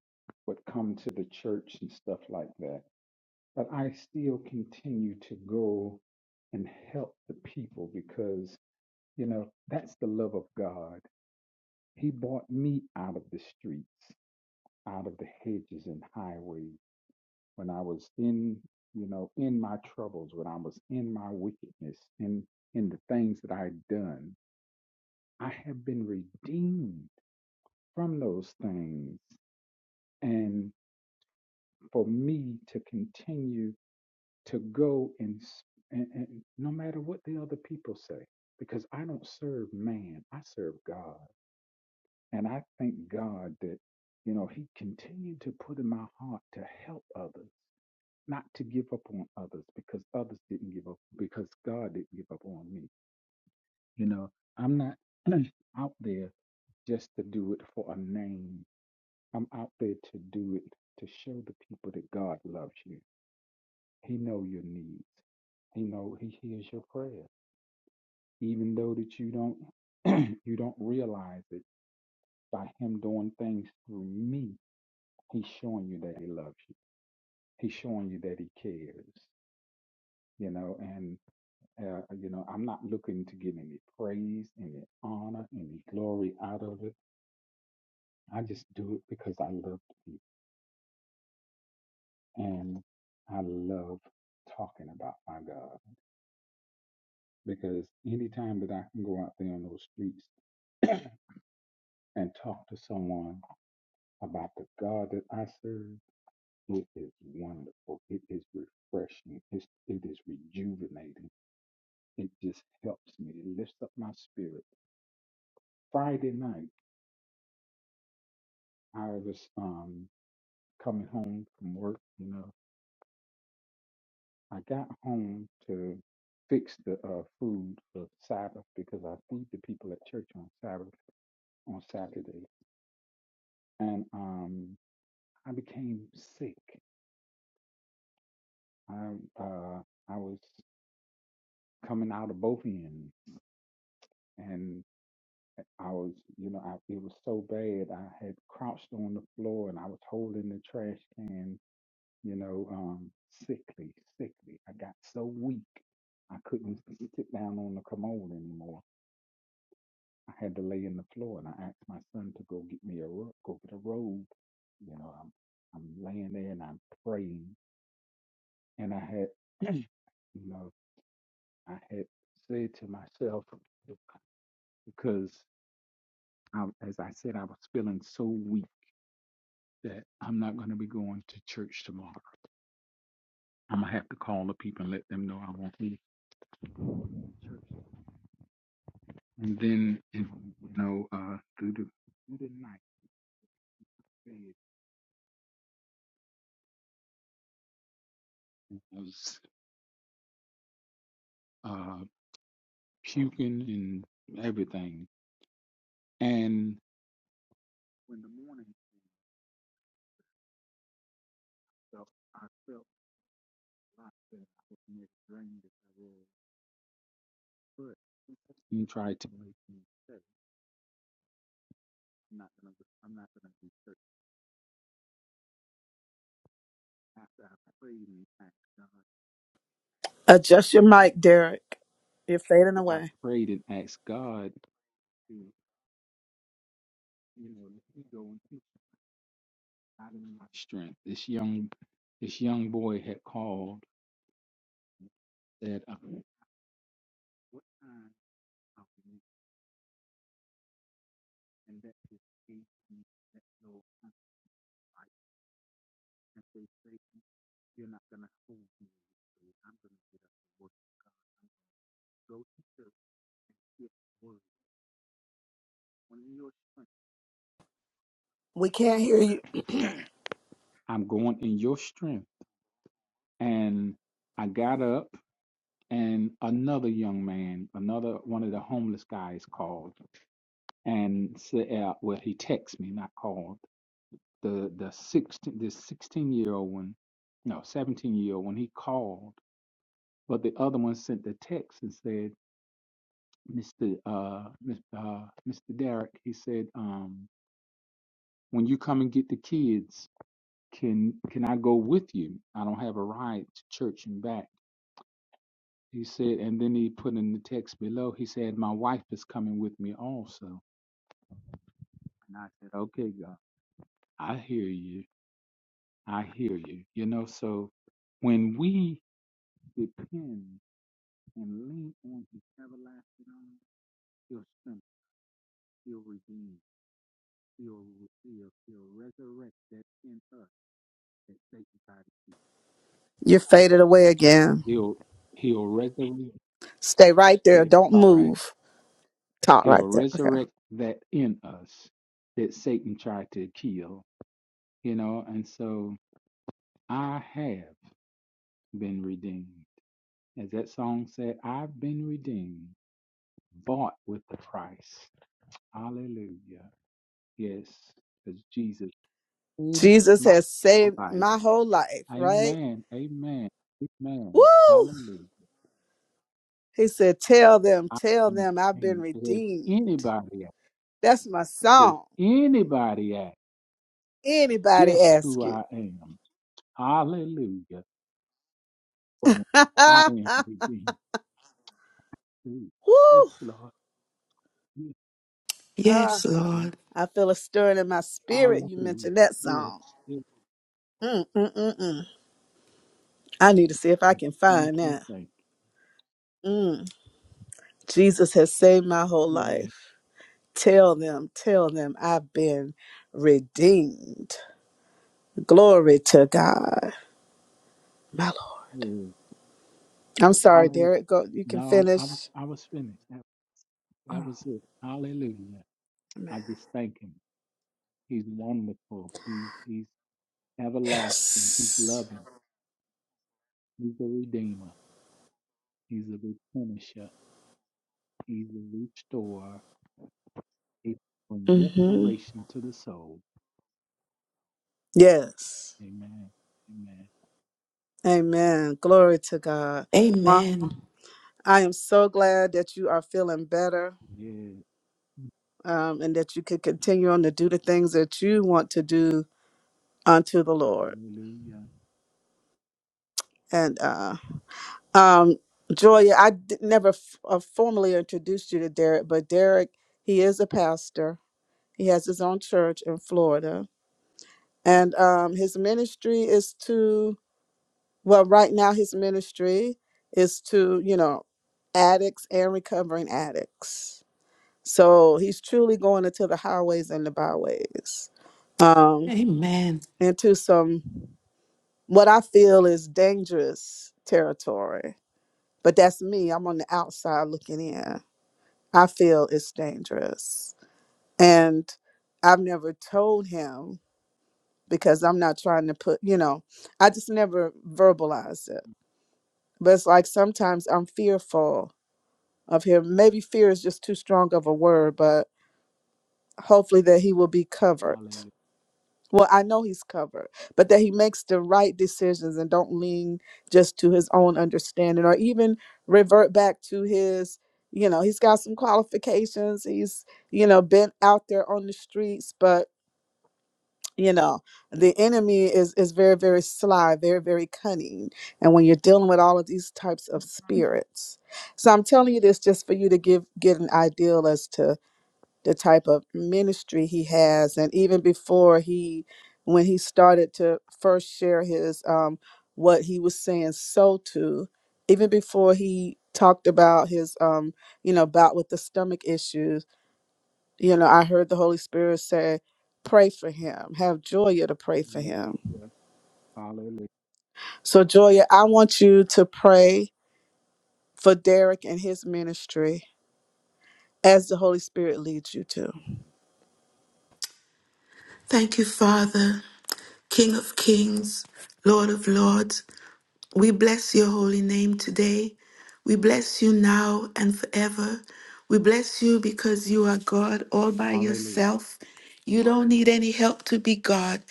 would come to the church and stuff like that but I still continue to go and help the people because, you know, that's the love of God. He brought me out of the streets, out of the hedges and highways when I was in, you know, in my troubles, when I was in my wickedness, in in the things that I had done. I have been redeemed from those things. And for me to continue to go and, and, and no matter what the other people say, because I don't serve man, I serve God. And I thank God that, you know, He continued to put in my heart to help others, not to give up on others because others didn't give up, because God didn't give up on me. You know, I'm not out there just to do it for a name, I'm out there to do it to show the people that God loves you. He know your needs. He know he hears your prayers. even though that you don't you don't realize it by him doing things through me he's showing you that he loves you he's showing you that he cares you know and uh, you know i'm not looking to get any praise any honor any glory out of it i just do it because i love you and i love talking about my god because anytime that i can go out there on those streets and talk to someone about the god that i serve It is wonderful. It is refreshing. It's, it is rejuvenating. It just helps me. It lifts up my spirit. Friday night, I was um, coming home from work. You know, I got home to fix the uh, food for Sabbath because I feed the people at church on Sabbath on Saturday, and um, I became sick. I uh, I was coming out of both ends, and I was, you know, I, it was so bad. I had crouched on the floor and I was holding the trash can, you know, um, sickly, sickly. I got so weak, I couldn't sit down on the commode anymore. I had to lay in the floor, and I asked my son to go get me a ro- go get a robe. You know, I'm I'm laying there and I'm praying, and I had, you know, I had said to myself because I, as I said, I was feeling so weak. that I'm not going to be going to church tomorrow. I'm gonna have to call the people and let them know I won't be at church. And then, you know, uh, through the through the night, I was uh, puking and everything. And when the morning came, so I felt a lot better. I was not as drained as I was, but you try to make me say, I'm not gonna, go- I'm not gonna do church after I prayed and asked God. Adjust your mic, Derek. You're fading After I away. prayed and asked God. do, you know, let me go and teach out of my strength. This young, this young boy had called that uh, what time are we and that is eight that no time. I and they say you're not gonna hold me. so I'm gonna get up and work God. I'm gonna go to church and get word on your you- strength. I'm going in your strength. And I got up and another young man, another one of the homeless guys called and set out. Well, he texted me, not called. The the sixteen the sixteen year old one, no, seventeen year old one. He called, but the other one sent the text and said, "Mister uh, Mis- uh Mister Derek," he said, um, "When you come and get the kids, can can I go with you? I don't have a ride to church and back." He said, and then he put in the text below. He said, "My wife is coming with me also." And I said, "Okay, God, I hear you." I hear you. You know, so when we depend and lean on his everlasting arm, he'll strengthen, he'll redeem, he'll, he'll, he'll resurrect that in us that Satan tried to keep. You're faded away again. He'll, he'll resurrect, Stay right there. okay, Don't all right. move. Talk right He'll there. Okay. resurrect that in us that Satan tried to kill, you know, and so I have been redeemed. As that song said, I've been redeemed, bought with the price. Hallelujah. Yes, because Jesus is Jesus my has saved life. my whole life, right? Amen. Amen. Amen. Woo! Hallelujah. He said, Tell them, I tell am them I've been ashamed. If redeemed. anybody, asks- That's my if song. anybody asks Anybody just ask who you. I am, hallelujah. For me, I am redeemed. too. Woo! Yes, Lord. Yes, Uh, Yes, Lord. Lord. I feel a stirring in my spirit. You Hallelujah. mentioned that Yes, song. yes. Mm, mm, mm, mm. I need to see if I yes. can Thank find you. that. Thank Mm. Jesus has saved my whole you. Yeah. life. Tell them, tell them I've been redeemed. Glory to God, my Lord. yeah. I'm sorry, Hallelujah. Derek. Go. You can No, I'm, I was finish. I was finished. That Oh, was it. Hallelujah. amen. I just thank him. He's wonderful. He's he's everlasting. He's Yes. loving. He's a redeemer. He's a replenisher. He's a restorer. He's bring hmm restoration to the soul. Yes. Amen. Amen. Amen. Glory to God. Well, Amen. I am so glad that you are feeling better Yes. um, and that you could continue on to do the things that you want to do unto the Lord. Hallelujah. And uh, um, Joya, I d- never f- uh, formally introduced you to Derek, but Derek, he is a pastor. He has his own church in Florida. And um, his ministry is to Well, right now his ministry is to, you know, addicts and recovering addicts. So he's truly going into the highways and the byways. Um, Amen. into some what I feel is dangerous territory. But that's me. I'm on the outside looking in. I feel it's dangerous. And I've never told him because I'm not trying to put, you know, I just never verbalized it. But it's like sometimes I'm fearful of him. Maybe fear is just too strong of a word, but hopefully that he will be covered. Hallelujah. Well, I know he's covered, but that he makes the right decisions and don't lean just to his own understanding or even revert back to his, you know, he's got some qualifications. He's, you know, been out there on the streets, but you know, the enemy is is very very sly, very very cunning. And when you're dealing with all of these types of spirits, so I'm telling you this just for you to give get an ideal as to the type of ministry he has and even before he when he started to first share his um what he was saying so to even before he talked about his um you know about with the stomach issues you know i heard the holy spirit say pray for him have joya to pray for him Hallelujah. Hallelujah. so joya i want you to pray for derek and his ministry as the holy spirit leads you to Thank you, Father, King of kings, Lord of lords. We bless your holy name today. We bless you now and forever. We bless you because you are God all by Hallelujah. yourself. You don't need any help to be God.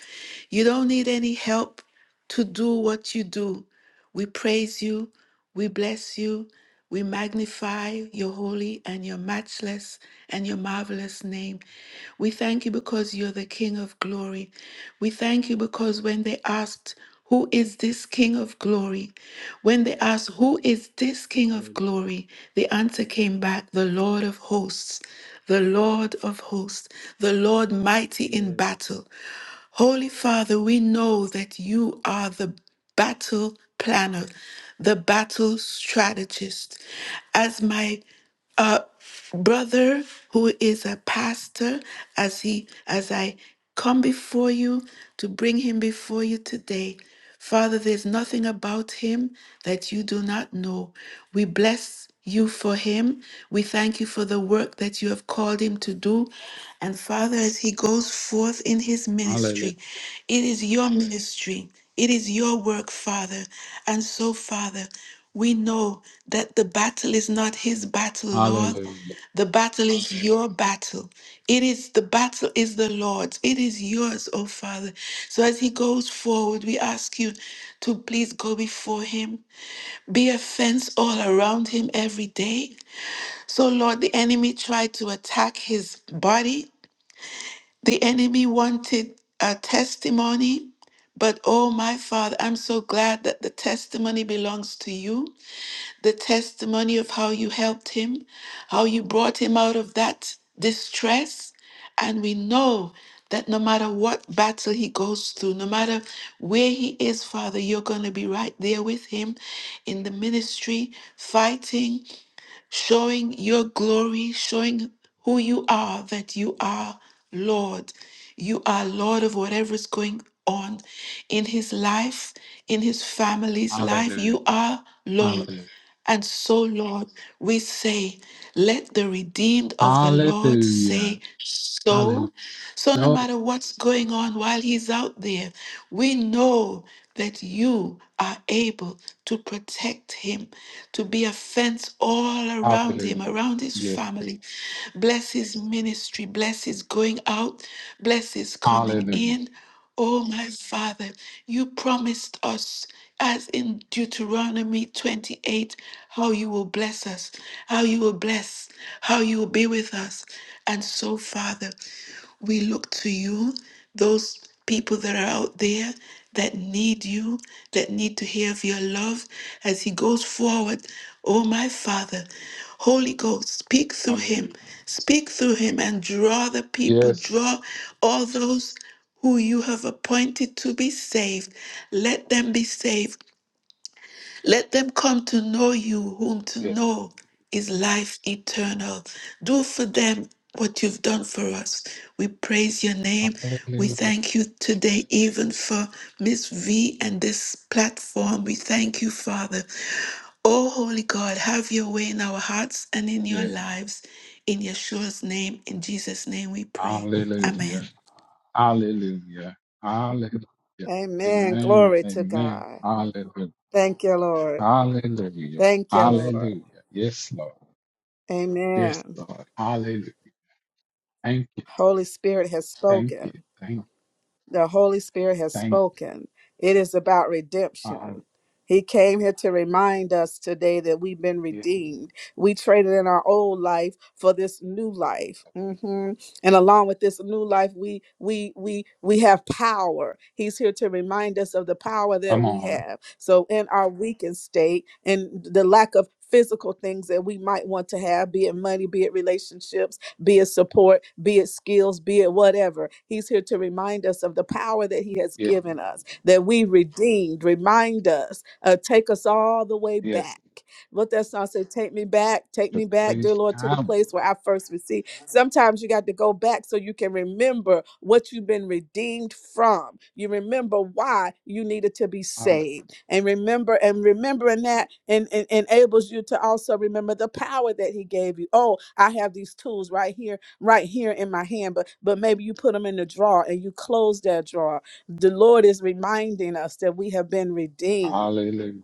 You don't need any help to do what you do. We praise you. We bless you. We magnify your holy and your matchless and your marvelous name. We thank you because you're the King of glory. We thank you because when they asked, Who is this King of glory? When they asked, Who is this King of Hallelujah. glory? The answer came back, The Lord of hosts, the Lord of hosts, the Lord mighty in Yes. battle. Holy Father, we know that you are the battle planner, the battle strategist. As my uh, brother who is a pastor as he as i come before you to bring him before you today father there's nothing about him that you do not know we bless you for him we thank you for the work that you have called him to do and father as he goes forth in his Hallelujah. ministry it is your ministry it is your work father and so father we know that the battle is not his battle, Lord. Hallelujah. The battle is Amen. your battle. It is the battle is the Lord's. It is yours, oh Father. So as he goes forward, we ask you to please go before him. Be a fence all around him every day. So Lord, the enemy tried to attack his body. The enemy wanted a testimony. But oh my Father, I'm so glad that the testimony belongs to you the testimony of how you helped him, how you brought him out of that distress. And we know that no matter what battle he goes through, no matter where he is, Father, you're going to be right there with him in the ministry, fighting, showing your glory, showing who you are, that you are Lord. You are Lord of whatever is going on in his life, in his family's life. Hallelujah. You are Lord. Hallelujah. And so, Lord, we say, let the redeemed of the Lord Hallelujah. say so. Hallelujah. So, no matter what's going on while He's out there, we know that you are able to protect Him, to be a fence all around Him, Hallelujah. around His Yes. family. Bless His ministry, bless His going out, bless His coming Hallelujah. in. Oh, my Father, you promised us, as in Deuteronomy 28, how you will bless us, how you will bless, how you will be with us. And so, Father, we look to you, those people that are out there that need you, that need to hear of your love as he goes forward. Oh, my Father, Holy Ghost, speak through him, Hallelujah. speak through him and draw the people, Yes. draw all those who you have appointed to be saved, let them be saved. Let them come to know you, whom to Yes. know is life eternal. Do for them what you've done for us. We praise your name. We Hallelujah. thank you today, even for Miss V and this platform. We thank you, Father. Oh, Holy God, have your way in our hearts and in your Yes. lives. In Yeshua's name, in Jesus' name we pray. Hallelujah. Amen. Hallelujah. Hallelujah. amen Amen. glory to Amen. god Hallelujah. thank you lord Hallelujah. Thank you, Lord. Hallelujah. Yes, Lord. Yes, Amen. Lord. Hallelujah. Thank you. Holy Spirit has Thank you. spoken. Thank you. The Holy Spirit has Thank you. spoken. It is about Hallelujah. redemption. He came here to remind us today that we've been Yes. redeemed. We traded in our old life for this new life, hmm and along with this new life, we we we we have power. He's here to remind us of the power that Come we on. have. So, in our weakened state and the lack of physical things that we might want to have, be it money, be it relationships be it support, be it skills, be it whatever. He's here to remind us of the power that He has Yes. given us, that we redeemed. Remind us, uh, take us all the way Yes. back. What that song said, take me back, take To me back, dear place Lord, to the power. place where I first received. Sometimes you got to go back so you can remember what you've been redeemed from. You remember why you needed to be saved. And remember, and remembering that and, and enables you to also remember the power that he gave you. Oh, I have these tools right here, right here in my hand, but but maybe you put them in the drawer and you close that drawer. The Lord is reminding us that we have been redeemed Hallelujah.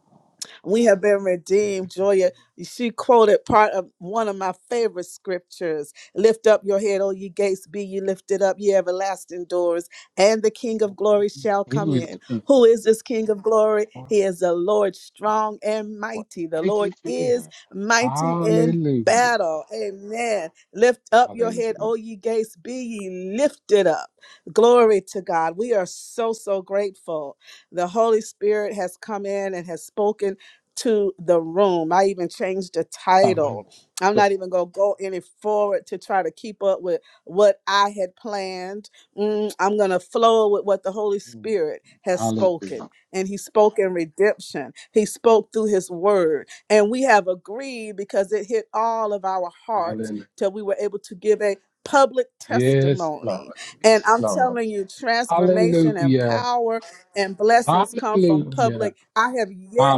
we have been redeemed. Joya, she quoted part of one of my favorite scriptures Lift up your head, O ye gates, be ye lifted up, ye everlasting doors, and the King of Well, not glory me. shall come Who is the in. king? Who is The this King of glory? Lord He is the Lord my strong and God. mighty. The Praise ye Lord is mighty in Hallelujah. battle. Amen. Lift up your head, Hallelujah. O ye gates, be ye lifted up. Glory to God. We are so, so grateful. The Holy Spirit has come in and has spoken to the room. I even changed the Hallelujah. title. I'm not even going to go any forward to try to keep up with what I had planned. Mm, I'm going to flow with what the Holy Mm. Spirit has spoken. Hallelujah. And He spoke in redemption, He spoke through His word. And we have agreed because it hit all of our hearts Hallelujah. till we were able to give a public Yes, Lord. testimony. And Yes, I'm Lord. telling you, transformation and Hallelujah. power and blessings come from Hallelujah. public. I have yet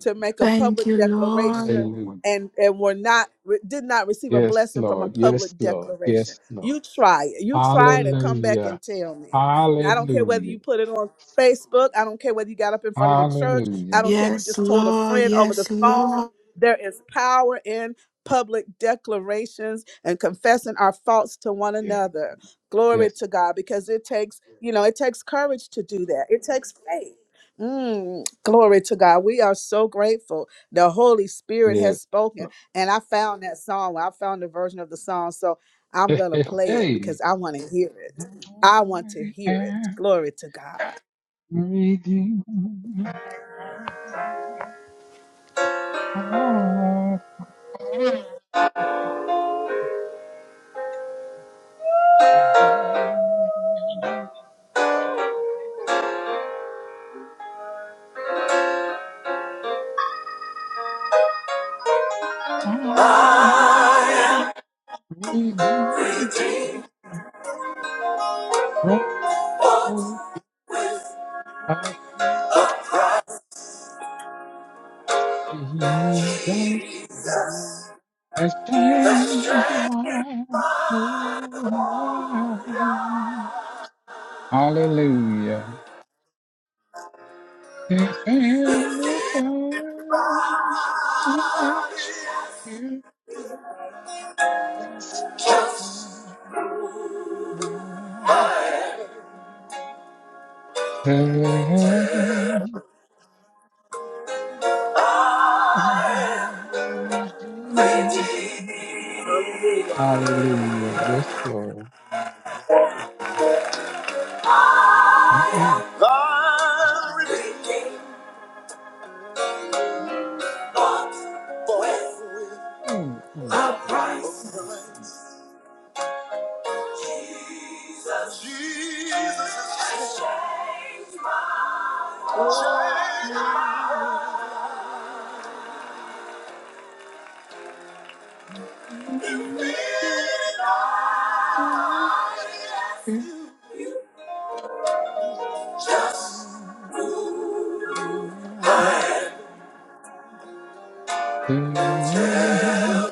to make a Thank public you, Lord. declaration Hallelujah. and and were not re- did not receive a Yes, blessing from a Lord. Yes, public Lord. declaration. Yes, Lord. You try it. You try it and come back Hallelujah. and tell me. I don't care whether Hallelujah. you put it on Facebook. I don't care whether you got up in front of the church. I Hallelujah. don't care if you Yes, just told a Lord. friend over the Yes, phone. Lord. There is power in public declarations and confessing our faults to one Yeah. another. Glory Yes. to God because it takes, you know, it takes courage to do that. It takes faith. Mm, glory to God. We are so grateful. The Holy Spirit has Yes. spoken. Lord. And I found that song. I found the version of the song. So I'm going to play it Hey, because I want to hear it. I want to hear it. am Glory to God. redeemed. I am redeemed from what I want Jesus has changed my whole life. Hallelujah. If anybody let you, yes, Hallelujah. Yes, Lord. Mm-mm. Mm, mm, Just mm.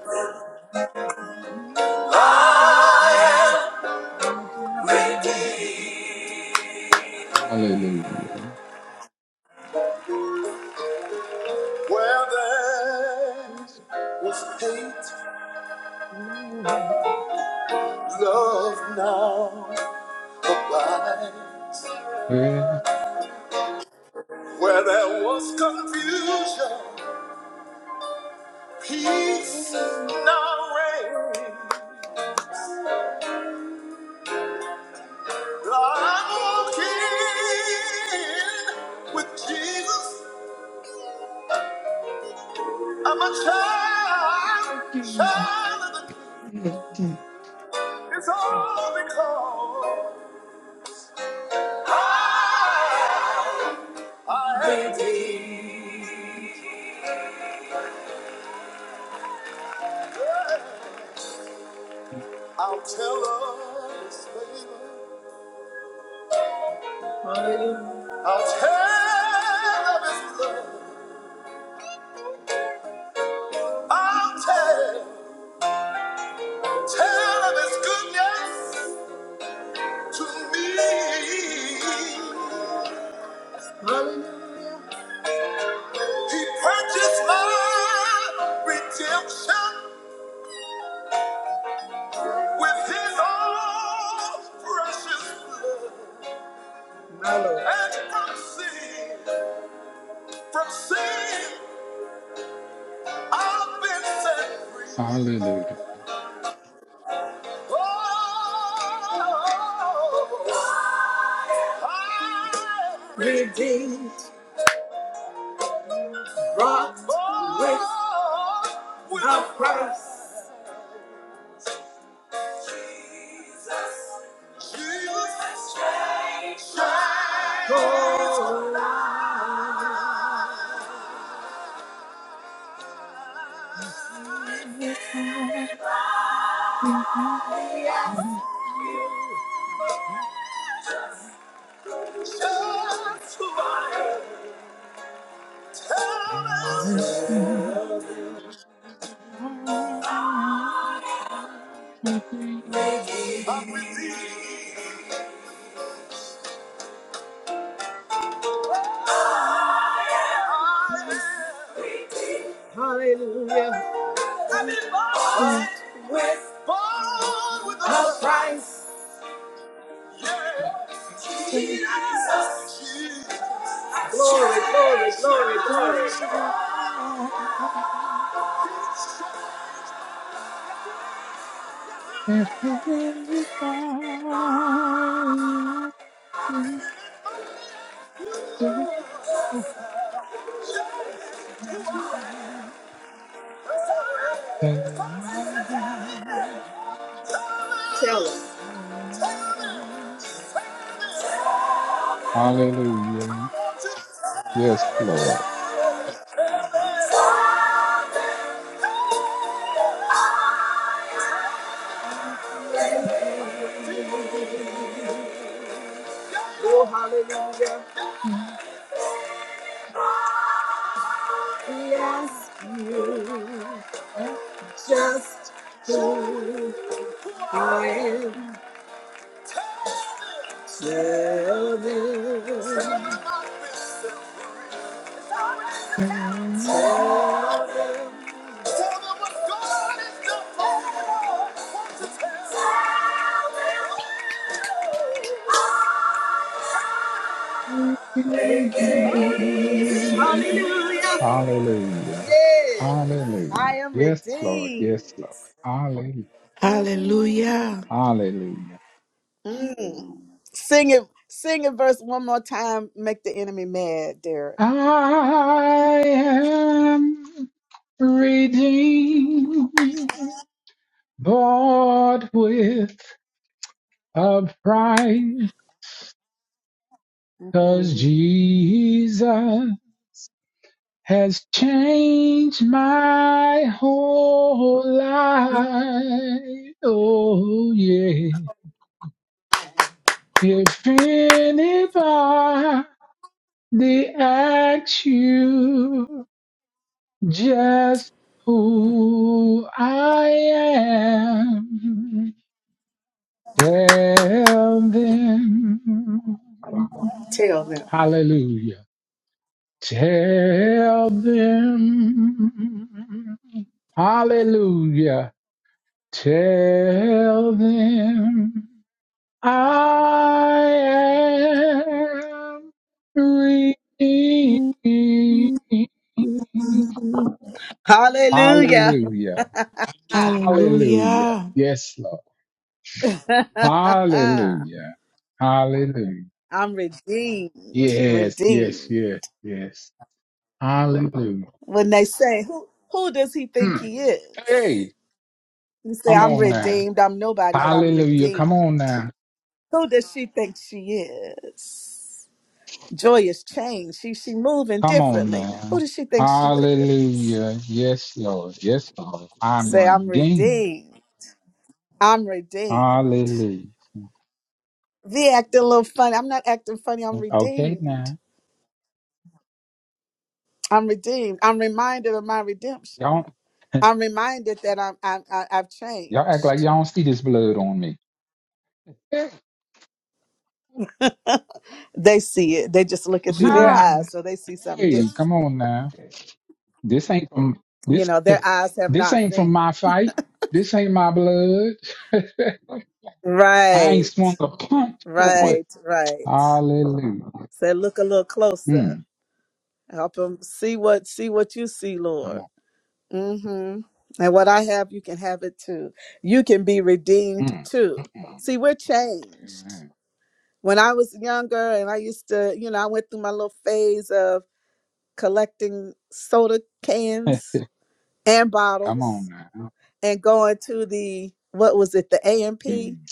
I am redeemed. Hallelujah. Where there was hate, love now. Where there was conflict, Well, I'm a child. Hallelujah. It's all because I- I'll tell of His favor. I'll tell of His love. I'll tell, tell of His goodness. He, he purchased my redemption with His own precious blood. And from sin, from sin, I've been set free. If Hallelujah. The price. anybody Hallelujah. Yes, Lord. Hallelujah. Hallelujah. I am redeemed. Yeah. I Hallelujah. am Yes, Lord. redeemed. Yes, Lord. Hallelujah. Hallelujah. Hallelujah. Sing it. Sing it verse one more time. Make the enemy mad, Derek. I am redeemed, bought with a price, 'cause Mhm. Jesus has changed my whole life. Oh yeah. If anybody asks you just who I am. Tell them, Tell them. hallelujah. Tell them, hallelujah. Tell them, I am redeemed. Hallelujah. Hallelujah. Hallelujah. Hallelujah. Yes, Lord. Hallelujah. Hallelujah. I'm redeemed. Yes, yes, Redeemed. yes, yes. Hallelujah. When they say, who, who does he think Mm. he is? Hey, You say, come I'm on now. redeemed. I'm nobody, but I'm Hallelujah. Come redeemed. on now. Who does she think she is? Joy has changed. She she moving Come on differently. Who now. does she think she is? Hallelujah. Yes, Lord. Yes, Lord. I'm Say, I'm redeemed. redeemed. I'm redeemed. Hallelujah. Be acting a little funny. I'm not acting funny. I'm Okay, redeemed. now. I'm redeemed. I'm reminded of my redemption. Y'all, I'm reminded that I'm, I'm I- I've y'all act like changed. y'all don't see this blood on me. They see it. They just look it through their Ah, Hmm. eyes, so they see something hey, different. come on now. This ain't from You this. know, their eyes have This not ain't seen. from my fight. This ain't my blood. I ain't Right, swung a punch for it. right, right. Hallelujah. So look a little closer. Mm, Help them see what see what you see, come Lord. on. Mm-hmm. And what I have, you can have it too. You can be redeemed Mm, too. mm, See, we're changed. mm. When I was younger, and I used to, you know, I went through my little phase of collecting soda cans and come on bottles, now. and going to the what was it, the AMP, Mm.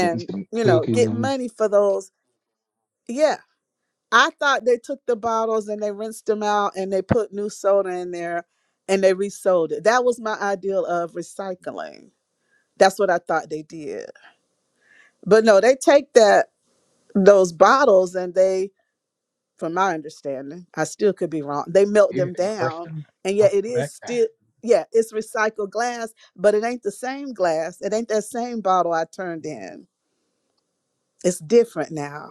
Getting some you know, cookies get and money for those. Yeah, I thought they took the bottles and they rinsed them out and they put new soda in there and they resold it. That was my ideal of recycling. That's what I thought they did. But no, they take that those bottles and they, from my understanding, I still could be wrong. They melt yeah, them crush down them. and yet Up it is back down. still yeah, it's recycled glass, but it ain't the same glass. It ain't that same bottle I turned Mm, in. It's different now.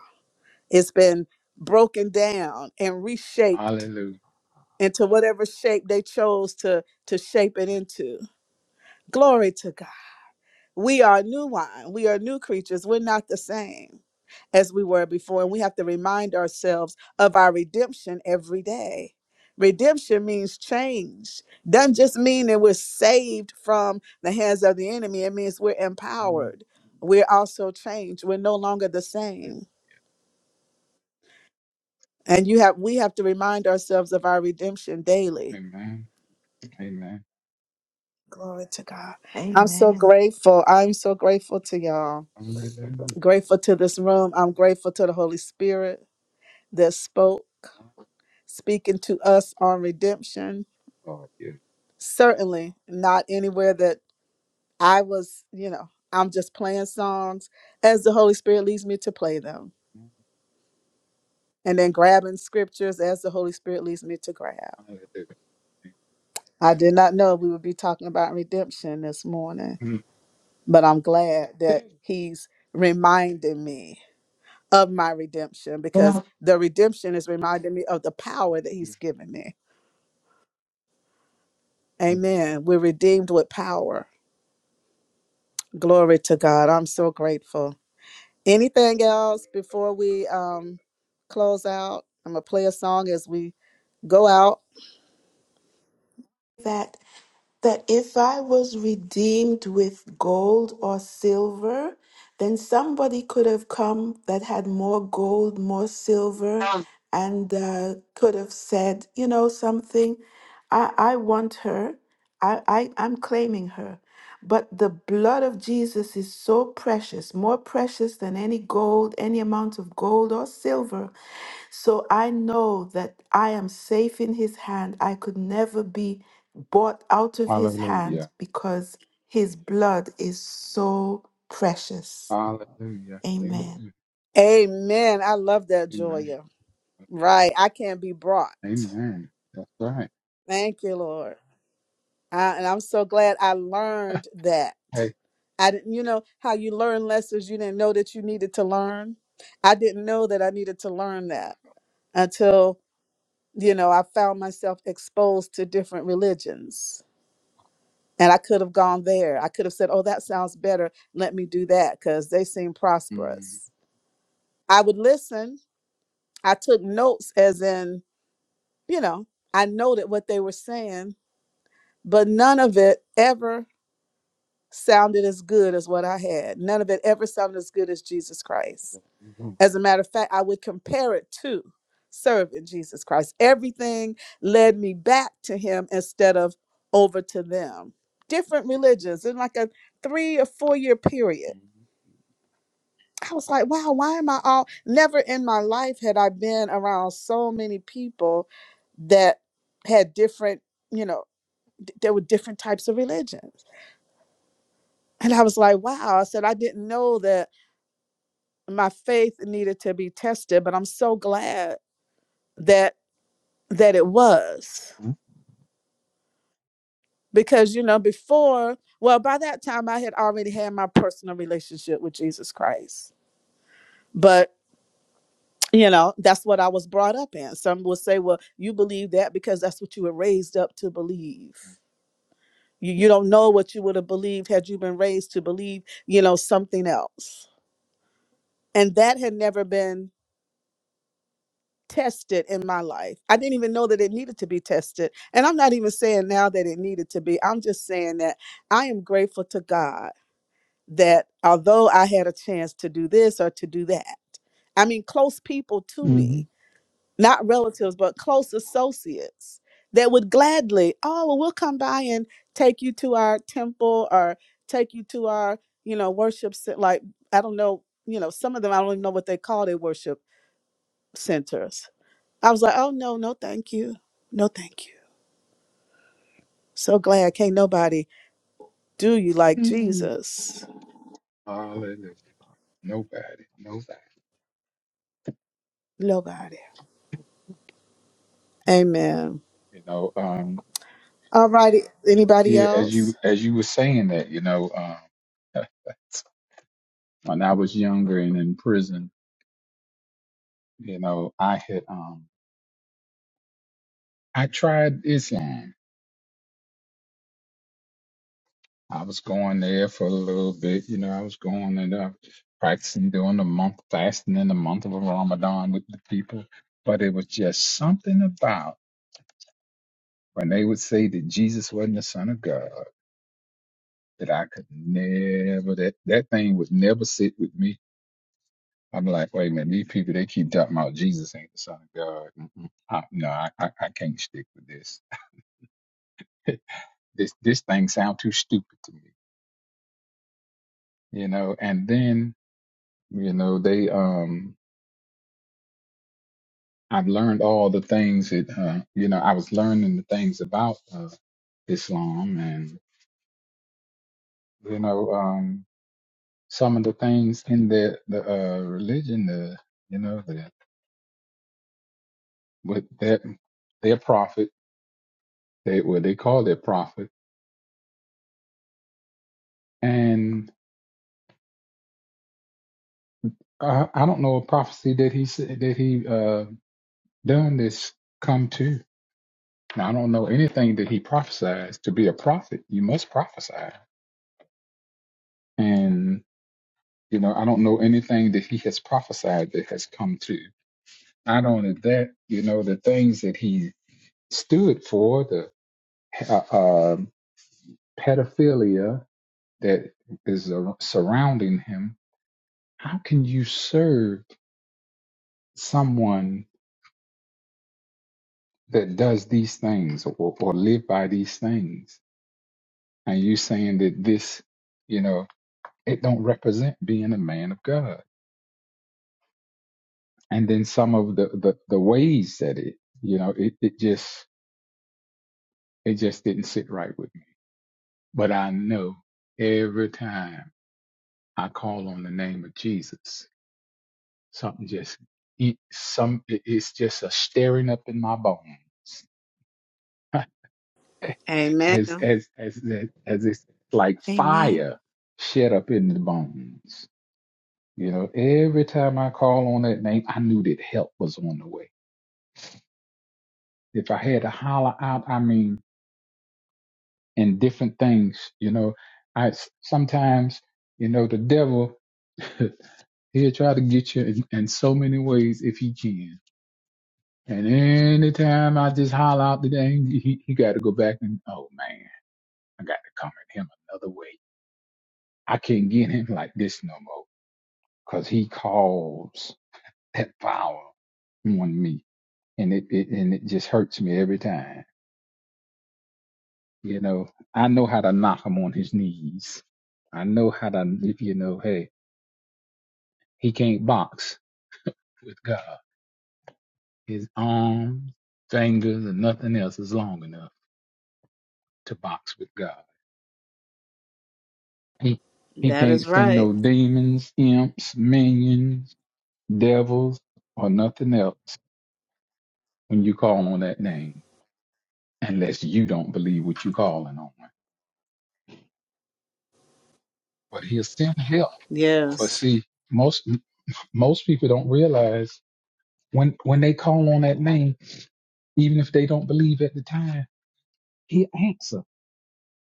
It's been broken down and reshaped Hallelujah. into whatever shape they chose to to shape it into. Glory to God. We are new wine. We are new creatures. We're not the same as we were before, and we have to remind ourselves of our redemption every day. Redemption means change. Doesn't just mean that we're saved from the hands of the enemy. It means we're Mm, empowered. We're also changed. We're no longer the same. And you have we have to remind ourselves of our redemption daily amen. Amen. Glory to God. I'm so Amen. grateful. I'm so grateful to y'all. Hallelujah. Grateful to this room. I'm grateful to the Holy Spirit that spoke, speaking to us on redemption. Lord, yeah. Certainly not anywhere that I was, you know, I'm just playing songs as the Holy Spirit leads me to play them and then grabbing scriptures as the Holy Spirit leads me to grab. Hallelujah. I did not know we would be talking about redemption this morning, Mm. but I'm glad that He's reminding me of my redemption because the redemption is reminding me of the power that he's given me. Amen. We're redeemed with power. Glory to God. I'm so grateful. Anything else before we um close out? I'm gonna play a song as we go out. That that if I was redeemed with gold or silver, then somebody could have come that had more gold, more silver, Yeah. and uh, could have said, you know, something, I, I want her, I, I, I'm claiming her. But the blood of Jesus is so precious, more precious than any gold, any amount of gold or silver, so I know that I am safe in his hand. I could never be bought out of his Hallelujah. hand because his blood is so precious. Hallelujah. Amen. Amen. Amen. I love that Amen. Joya. Right. I can be brought. Amen. That's right. Thank you, Lord. I, and I'm so glad I learned that. Hey. I didn't, you know, how you learn lessons you didn't know that you needed to learn. I didn't know that I needed to learn that until, you know, I found myself exposed to different religions. And I could have gone there. I could have said, oh, that sounds better. Let me do that because they seem Mm-hmm. prosperous. I would listen. I took notes, as in, you know, I noted what they were saying, but none of it ever sounded as good as what I had. None of it ever sounded as good as Jesus Christ. As a matter of fact, I would compare it to serving Jesus Christ. Everything led me back to him instead of over to them. Different religions in like a three or four year period. I was like, wow, why am I all never in my life had I been around so many people that had different, you know, d- there were different types of religions. And I was like, wow, I said, I didn't know that my faith needed to be tested but i'm so glad that that it was because you know before well by that time i had already had my personal relationship with jesus christ but you know that's what i was brought up in some will say well you believe that because that's what you were raised up to believe you, you don't know what you would have believed had you been raised to believe you know something else and that had never been tested in my life. I didn't even know that it needed to be tested. And I'm not even saying now that it needed to be. I'm just saying that I am grateful to God that although I had a chance to do this or to do that, I mean, close people to me, not relatives, but close associates that would gladly, oh, well, we'll come by and take you to our temple or take you to our, you know, worship, cen- like, I don't know, you know, some of them, I don't even know what they call their worship centers I was like, oh no, no, thank you. No, thank you. So glad can't nobody do you like Mm-hmm. Jesus. Hallelujah. Nobody. Nobody. Nobody. Amen. You know, um, All righty. Anybody yeah, as else? you as you were saying that, you know, um when I was younger and in prison, you know, I had um I tried Islam. I was going there for a little bit, you know, I was going and uh, practicing during the month, fasting in the month of Ramadan with the people. But it was just something about when they would say that Jesus wasn't the Son of God, that I could never, that, that thing would never sit with me. I'm like, wait a minute, these people, they keep talking about Jesus ain't the Son of God. Mm-mm. I, no, I, I, I can't stick with this. this this thing sound too stupid to me, you know. And then, you know, they. um I've learned all the things that uh, you know. I was learning the things about uh, Islam, and you know, um, some of the things in the the uh, religion, the you know, the with that their prophet, they what they call their prophet, and I, I don't know a prophecy that he said that he uh, done this come to. Now, I don't know anything that he prophesies. To be a prophet, you must prophesy, and. You know, I don't know anything that he has prophesied that has come to. Not only that, you know, the things that he stood for, the uh, um pedophilia that is ar- surrounding him. How can you serve someone that does these things or, or live by these things? And you saying that this, you know, it don't represent being a man of God. And then some of the the, the ways that it, you know, it, it just It just didn't sit right with me. But I know every time I call on the name of Jesus, something just it, some it's just a stirring up in my bones, Amen. as as as as it's like Amen. fire shed up in the bones. You know, every time I call on that name, I knew that help was on the way. If I had to holler out, I mean, and different things, you know, I sometimes, you know, the devil. He'll try to get you in, in so many ways if he can. And anytime I just holler out the name, he, he got to go back and, oh man, I got to come at him another way. I can't get him like this no more because he calls that power on me. And it, it, and it just hurts me every time. You know, I know how to knock him on his knees. I know how to, if you know, hey, he can't box with God. His arms, fingers, and nothing else is long enough to box with God. He he That can't is send right. no demons, imps, minions, devils, or nothing else when you call on that name, unless you don't believe what you're calling on. But he'll send help. Yes. But see, most most people don't realize when when they call on that name, even if they don't believe at the time, he'll answer.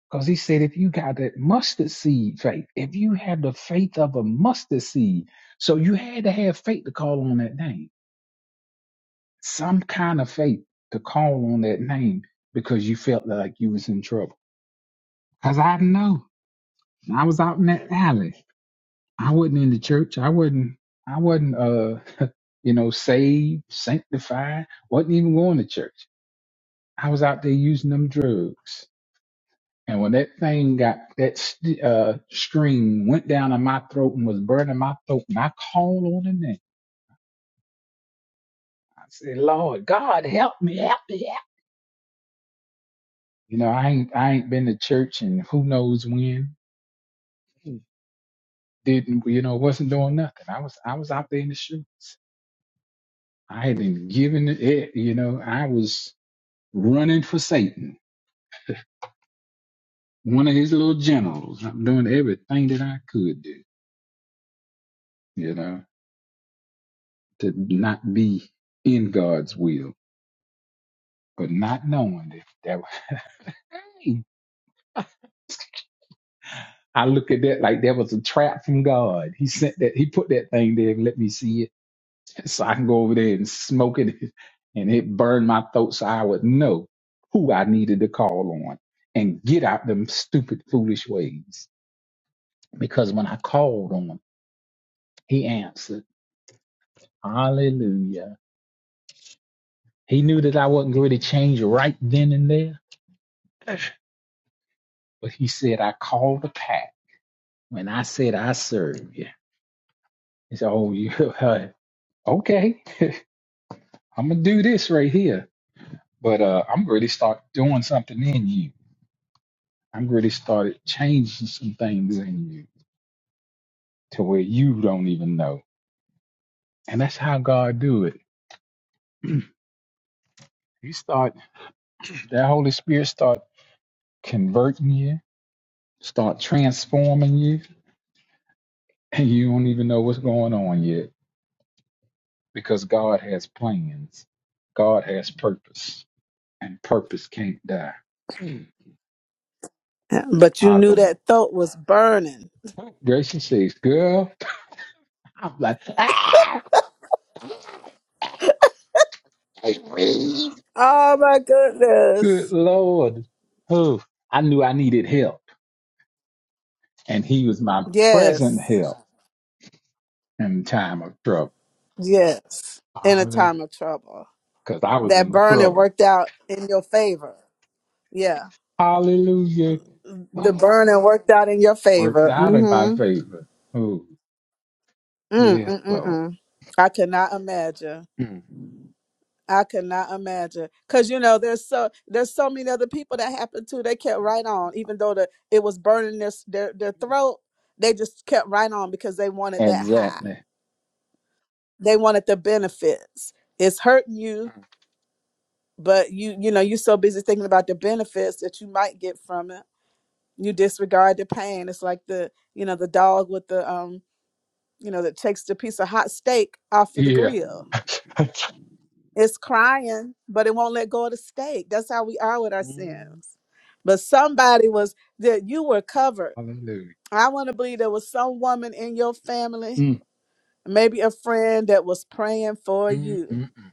Because he said, if you got that mustard seed faith, if you have the faith of a mustard seed, so you had to have faith to call on that name some kind of faith to call on that name because you felt like you was in trouble. Cause I know I was out in that alley. I wasn't in the church. I wasn't. I wasn't. Uh, you know, saved, sanctified. wasn't even going to church. I was out there using them drugs. And when that thing got that st- uh, string went down in my throat and was burning my throat, and I called on the name. I said, "Lord God, help me, help me, help." me." You know, I ain't I ain't been to church and who knows when. didn't well, you know wasn't doing nothing i was i was out there in the streets i had been given it you know i was running for satan one of his little generals i'm doing everything that i could do you know to not be in god's will but not knowing that that was hey, i look at that like that was a trap from god he sent that he put that thing there and let me see it So I can go over there and smoke it and it burned my throat so I would know who I needed to call on and get out them stupid, foolish ways. Because when I called on him, he answered, Hallelujah. He knew that I wasn't going to change right then and there. But he said, I called the pack when I said I serve you. He said, Oh, you okay. I'm gonna do this right here. But uh, I'm going to start doing something in you I've really started changing some things in you to where you don't even know. And that's how God do it. He start that Holy Spirit start converting you, start transforming you, and you don't even know what's going on yet because God has plans. God has purpose, and purpose can't die. Mm. But you knew Hallelujah. that thought was burning. Gracie says, girl, I'm like, ah, I breathe. Oh my good goodness. Lord. Oh, I knew I needed help. and he was my present Yes. help in time of trouble. Yes. In a Because time of trouble. I was That in burning trouble. worked out in your favor. Yeah. Hallelujah. The Wow. burning worked out in your Worked favor. out in my Mm-hmm. favor. Oh, Mm, yes, mm, mm, Lord. mm. I cannot imagine. Mm. I cannot imagine because you know there's so there's so many other people that happened to. They kept right on, even though the it was burning their s- their their throat. They just kept right on because they wanted that high. Exactly. They wanted the benefits. It's hurting you, Mm. but you you know you're so busy thinking about the benefits that you might get from it. You disregard the pain. It's like the you know the dog with the um you know that takes the piece of hot steak off of the grill Yeah. It's crying, but it won't let go of the stake. That's how we are with our Mm. sins. But somebody was that you were covered. Hallelujah. I want to believe there was some woman in your family, Mm. maybe a friend that was praying for Mm. you Mm. Mm.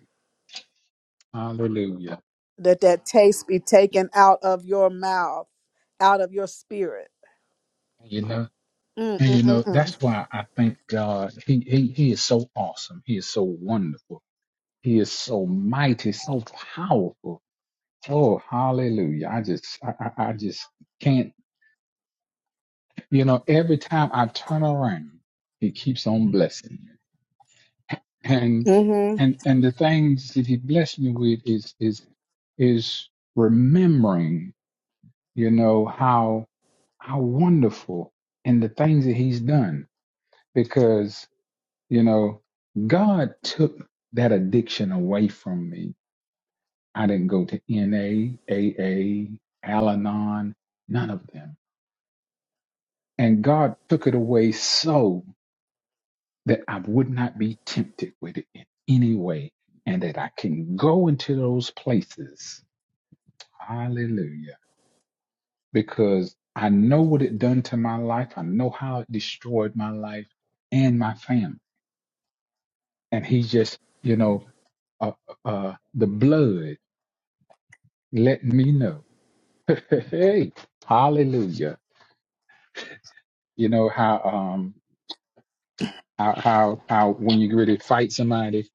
Hallelujah. that that taste be taken out of your mouth, out of your spirit. You know, Mm and you mm know, mm mm. that's why I thank God. He, he, he is so awesome. He is so wonderful. He is so mighty, so powerful. Oh, hallelujah. I just, I, I, I just can't, you know, every time I turn around, he keeps on blessing me. And, Mm-hmm. and, and the things that he blessed me with is, is, is remembering, you know, how, how wonderful and the things that he's done because, you know, God took that addiction away from me I didn't go to NA, Al Anon, none of them. And God took it away so that I would not be tempted with it in any way and that I can go into those places. Hallelujah. Because I know what it done to my life. I know how it destroyed my life and my family. And he just, you know, uh, uh, uh, the blood let me know. hey, hallelujah. You know how, um, how how how when you really fight somebody,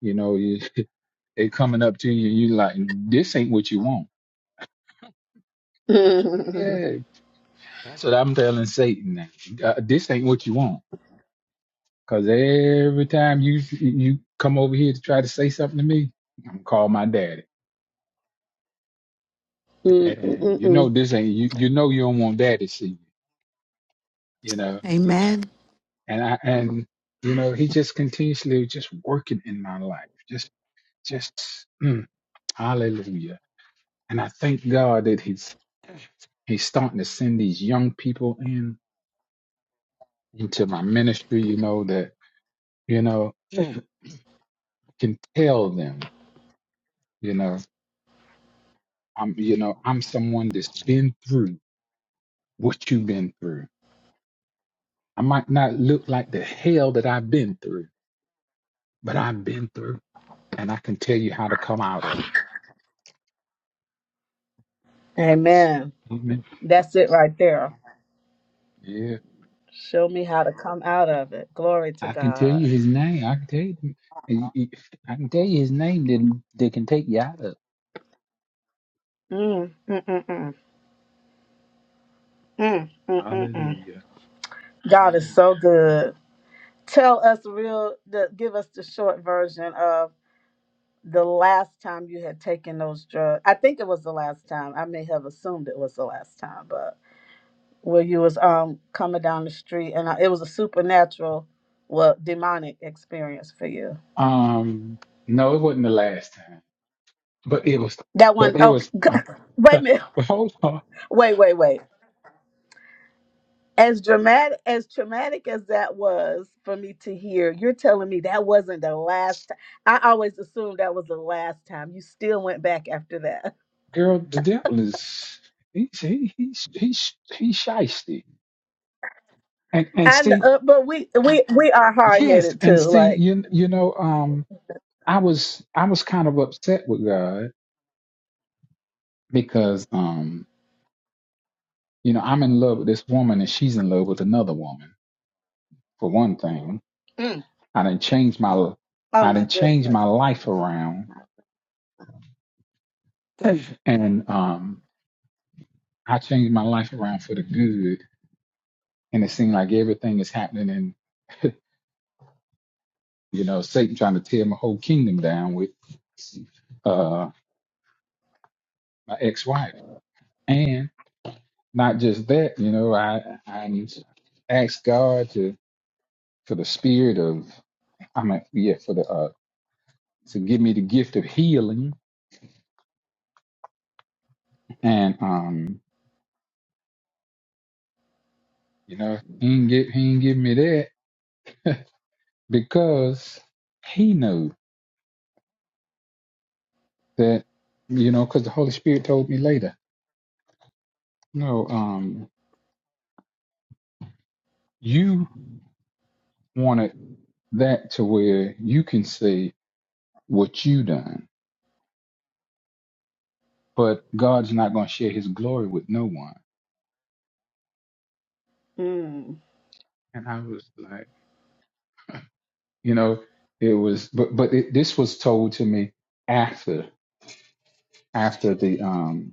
you know, you, they coming up to you, you like this ain't what you want. Yeah, that's what I'm telling Satan. now. Uh, this ain't what you want, cause every time you you come over here to try to say something to me, I'm gonna call my daddy, Mm, mm, and mm, you know mm. this ain't you. You know you don't want daddy to see you, you know, Amen. and I and you know he just continuously just working in my life, just just mm, hallelujah. And I thank God that He's he's starting to send these young people in into my ministry you know that you know I can tell them you know i'm you know i'm someone that's been through what you've been through i might not look like the hell that i've been through but i've been through and i can tell you how to come out of it. Amen. amen That's it right there. yeah Show me how to come I, out of it. Glory to I can tell God. you his name i can tell you y- y- i can tell you his name that, that can take you out of it. Mm, mm, mm, mm. Mm, mm, mm, mm. hallelujah God is so good. Tell us real, the, give us the short version of the last time you had taken those drugs. I think it was the last time. I may have assumed it was the last time, but where you was um coming down the street and uh it was a supernatural, well, demonic experience for you. um no it wasn't the last time But it was, That but one. it one, was. oh, wait a but minute. hold on, Wait, wait, wait. as dramatic as traumatic as that was for me to hear you're telling me that wasn't the last time i always assumed that was the last time you still went back after that girl. The devil is he's he, he's he's he's shisty. And and and see, uh, but we we we are yes, hard-headed and too see, like you you know, um, I was I was kind of upset with God because um, you know, I'm in love with this woman and she's in love with another woman. For one thing, mm, I didn't change my oh I my didn't change goodness my life around, and um, I changed my life around for the good. And it seemed like everything is happening in. You know, Satan trying to tear my whole kingdom down with uh, my ex-wife. And not just that, you know, I I asked God to for the spirit of I mean, yeah, for the uh to give me the gift of healing. And um, you know, he ain't get he ain't give me that because he knew that, you know, because the Holy Spirit told me later, no, um, you wanted that to where you can see what you done. But God's not going to share his glory with no one. mm, And I was like, you know, it was, but, but it, this was told to me after, after the, um,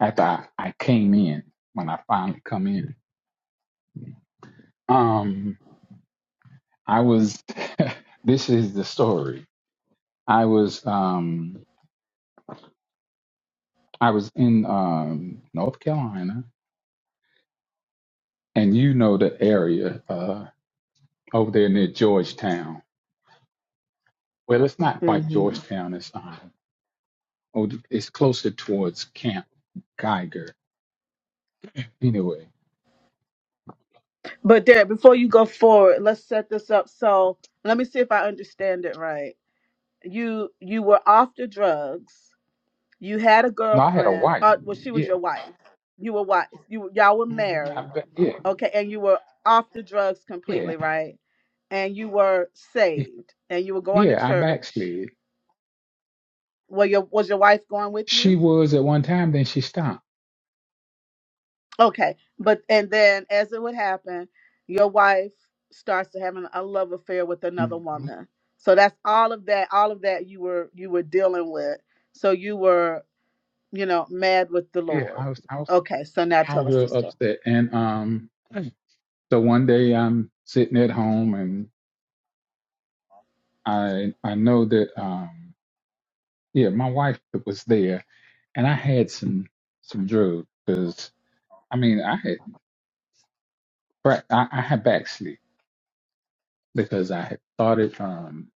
after I, I came in, when I finally come in, um, I was, this is the story. I was, um, I was in, um, North Carolina and you know the area, uh, over there near Georgetown. Well, it's not quite hmm Georgetown. It's, um. Oh, it's closer towards Camp Geiger. Anyway, but there before you go forward let's set this up so let me see if i understand it right you you were off the drugs You had a no, I had a girlfriend. wife. Uh, well, she was Yeah, your wife. You were wife. You y'all were hmm I married. ba- yeah, Okay, and you were off the drugs yeah, completely, right? And you were Y- saved, and you were going to yeah. I church. backslid. Well, your was your wife going with She you? was at one time, then she stopped. Okay, but and then as it would happen, your wife starts to having a love affair with another hmm woman. So that's all of that. All of that you were you were dealing with. So you were you know mad with the Yeah, Lord. I was, I was, Okay, so now I tell was us the real upset. And um, so one day I'm sitting at home, and I, I know that um, yeah, my wife was there, and I had some, some drugs because I mean, I had, bra- I, I had backslid because I had started, um,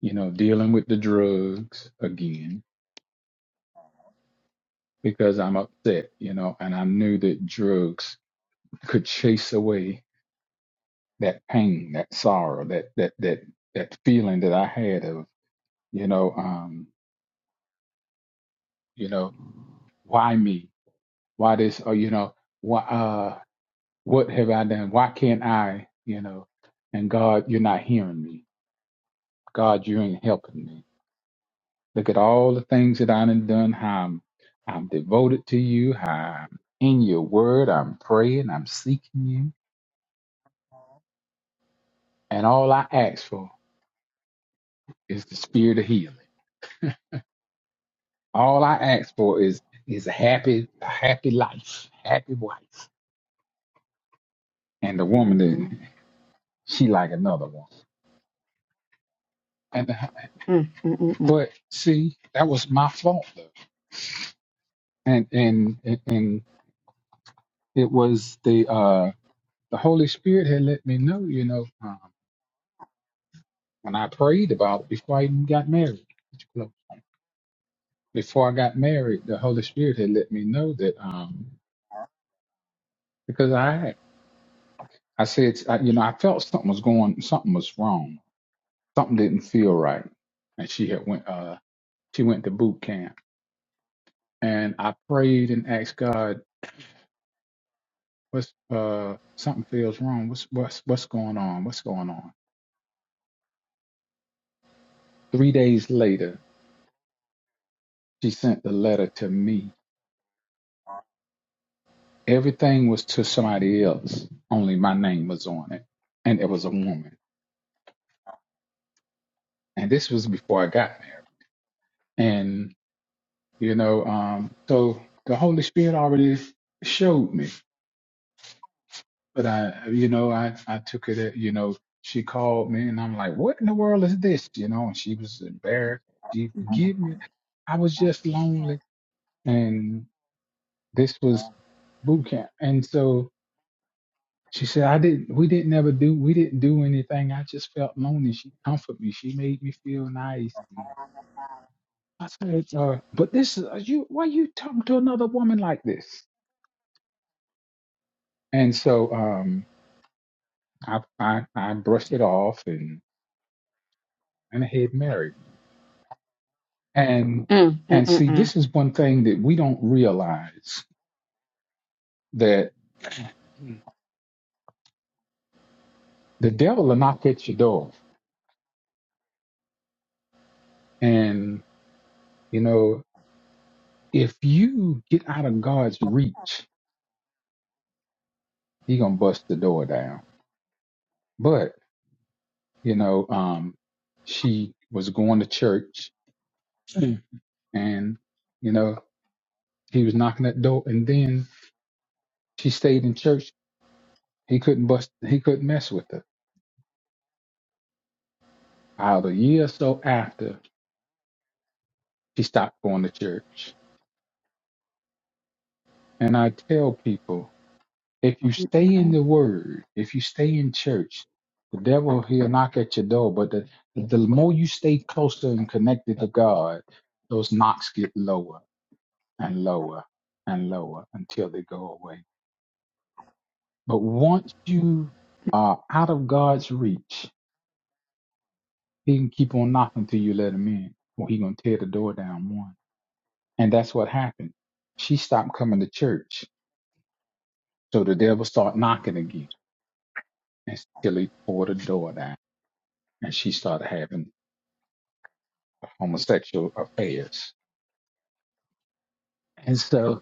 you know, dealing with the drugs again because I'm upset, you know, and I knew that drugs could chase away that pain, that sorrow, that that that that feeling that I had of, you know, um, you know, why me? Why this? Or you know, why? Uh, what have I done? Why can't I? You know, and God, you're not hearing me. God, you ain't helping me Look at all the things that I done done, how I'm, I'm devoted to you, how I'm in your word, I'm praying, I'm seeking you. And all I ask for is the spirit of healing. All I ask for is is a happy, a happy life, happy wife. And the woman story. that she like another one. And the- Mm, mm, mm, mm, but see, that was my fault though. And and and it was the uh the Holy Spirit had let me know, you know. uh, And I prayed about it before I even got married. Before I got married, the Holy Spirit had let me know that um, because I I said I, you know I felt something was going something was wrong something didn't feel right, and she had went uh she went to boot camp and I prayed and asked God what's uh something feels wrong what's what's what's going on what's going on. Three days later, she sent the letter to me Everything was to somebody else, only my name was on it. And it was a woman. And this was before I got married. And, you know, um, so the Holy Spirit already showed me. But I, you know, I, I took it, at, you know, she called me and I'm like, what in the world is this? You know, and she was embarrassed. She forgive me. I was just lonely. And this was boot camp. And so She said, I didn't, we didn't ever do, we didn't do anything. I just felt lonely. She comforted me. She made me feel nice. And I said, uh, but this is, are you, why you talking to another woman like this? And so, um, I, I, I brushed it off and, and I had married. And, mm, and mm, see, mm, this is one thing that we don't realize that the devil will knock at your door. And, you know, if you get out of God's reach, he going to bust the door down But, you know, um, she was going to church Mm. and, you know, he was knocking that door and then she stayed in church. He couldn't bust, he couldn't mess with her. About a year or so after she stopped going to church. And I tell people, if you mm. stay in the word, if you stay in church, the devil, he'll knock at your door. But the, the more you stay closer and connected to God, those knocks get lower and lower and lower until they go away. But once you are out of God's reach, He can keep on knocking till you let Him in, or He gonna tear the door down one. And that's what happened. She stopped coming to church, so the devil started knocking again until he tore the door down, and she started having homosexual affairs. And so,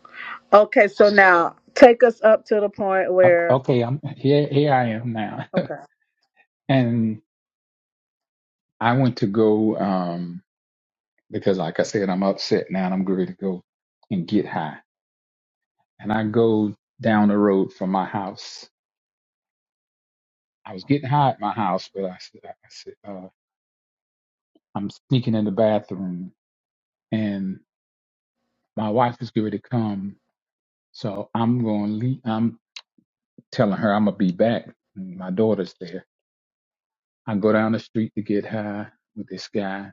Okay, so now take us up to the point o- where. okay, I'm here. Here I am now, Okay. and I went to go. Um, because like I said, I'm upset now and I'm ready to go and get high. And I go down the road from my house. I was getting high at my house, but I said, I said uh, I'm sneaking in the bathroom and my wife is going to come. So I'm going to leave. I'm telling her I'm going to be back. My daughter's there. I go down the street to get high with this guy.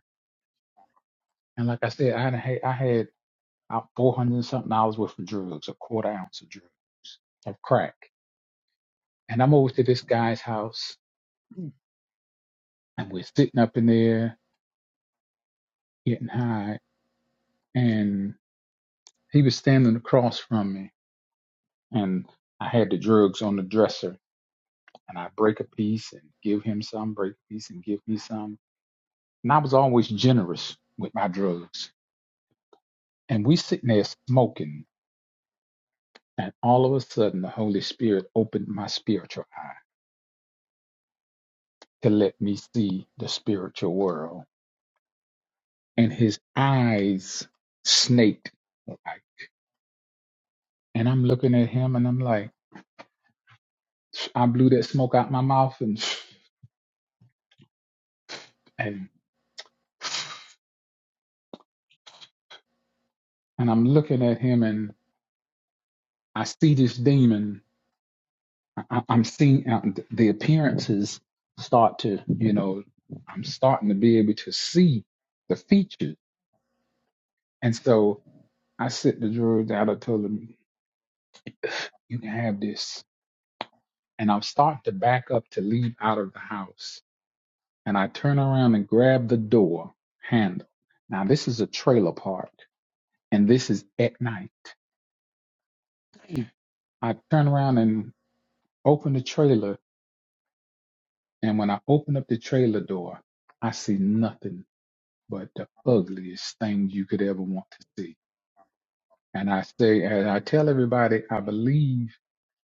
And like I said, I had, I had about 400 and something hours worth of drugs, a quarter ounce of drugs of crack. And I'm over to this guy's house and we're sitting up in there getting high and he was standing across from me and i had the drugs on the dresser and i break a piece and give him some break a piece and give me some and i was always generous with my drugs and we sitting there smoking and all of a sudden the holy spirit opened my spiritual eye to let me see the spiritual world and his eyes snaked like and i'm looking at him and i'm like I blew that smoke out my mouth and and and I'm looking at him and I see this demon. I, I- I'm seeing uh, th- the appearances start to, you know, I'm starting to be able to see the features. And so I sit the drugs out. I told him, you can have this. And I'm starting to back up to leave out of the house. And I turn around and grab the door handle. Now, this is a trailer park and this is at night. I turn around Open the trailer, and when I open up the trailer door, I see nothing but the ugliest thing you could ever want to see. And I say, and I tell everybody, I believe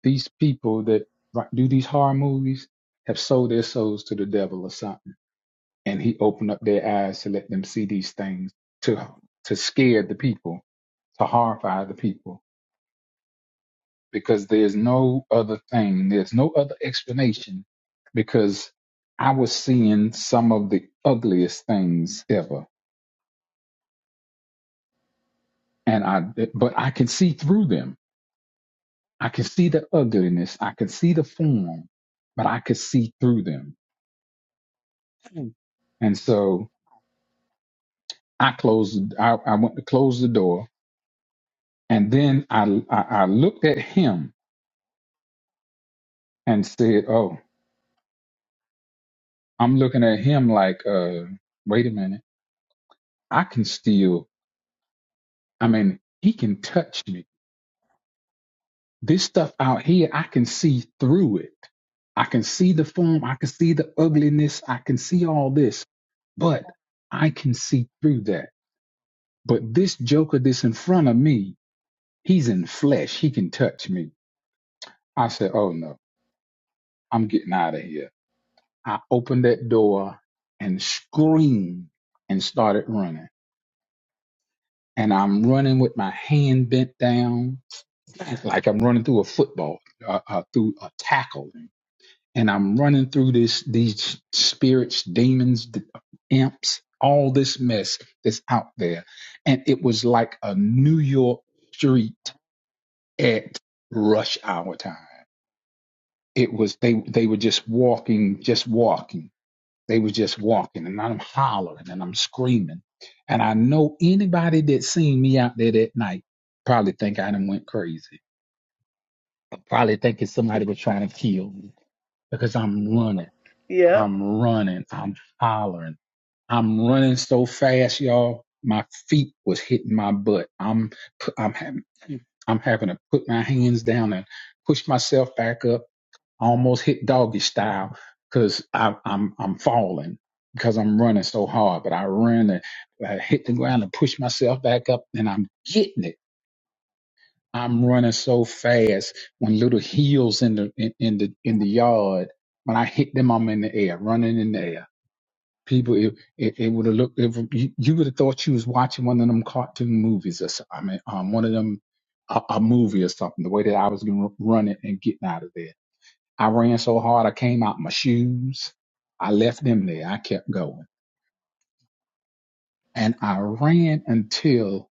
these people that ri- do these horror movies have sold their souls to the devil or something. And he opened up their eyes to let them see these things to to scare the people, to horrify the people because there's no other thing, there's no other explanation because I was seeing some of the ugliest things ever and I but I can see through them. I can see the ugliness, I can see the form, but I could see through them. Mm. And so I closed I, I went to close the door and then I, I I looked at him and said, "Oh, I'm looking at him like uh wait a minute. I can still I mean, he can touch me. This stuff out here, I can see through it. I can see the form. I can see the ugliness. I can see all this, but I can see through that. But this joker that's in front of me, he's in flesh. He can touch me. I said, Oh no, I'm getting out of here. I opened that door and screamed and started running. And I'm running with my hand bent down, like I'm running through a football, uh, uh, through a tackle and I'm running through this these spirits, demons, d- imps, all this mess that's out there. And it was like a New York street at rush hour time. It was they they were just walking, just walking. They were just walking and I'm hollering and I'm screaming. And I know anybody that seen me out there that night probably think I done went crazy. Probably thinking somebody was trying to kill me because I'm running. Yep. I'm running. I'm hollering. I'm running so fast, y'all. My feet was hitting my butt. I'm I'm having I'm having to put my hands down and push myself back up. I almost hit doggy style because I'm I'm falling because I'm running so hard. But I run and I hit the ground and push myself back up, and I'm getting it. I'm running so fast when little heels in the in, in the in the yard. When I hit them, I'm in the air, running in the air people it, it, it would have looked it, you, you would have thought you was watching one of them cartoon movies or so- i mean um, one of them a, a movie or something the way that i was gonna run it and getting out of there i ran so hard i came out my shoes i left them there i kept going and i ran until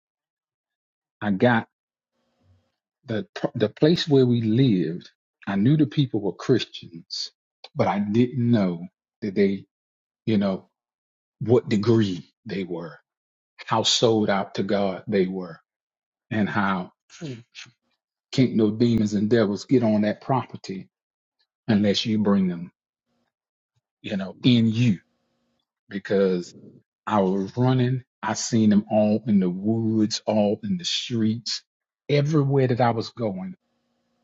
i got the the place where we lived i knew the people were christians but i didn't know that they you know what degree they were how sold out to god they were and how mm. can't no demons and devils get on that property unless you bring them, you know, in you. Because I was running, I seen them all in the woods, all in the streets, everywhere that I was going.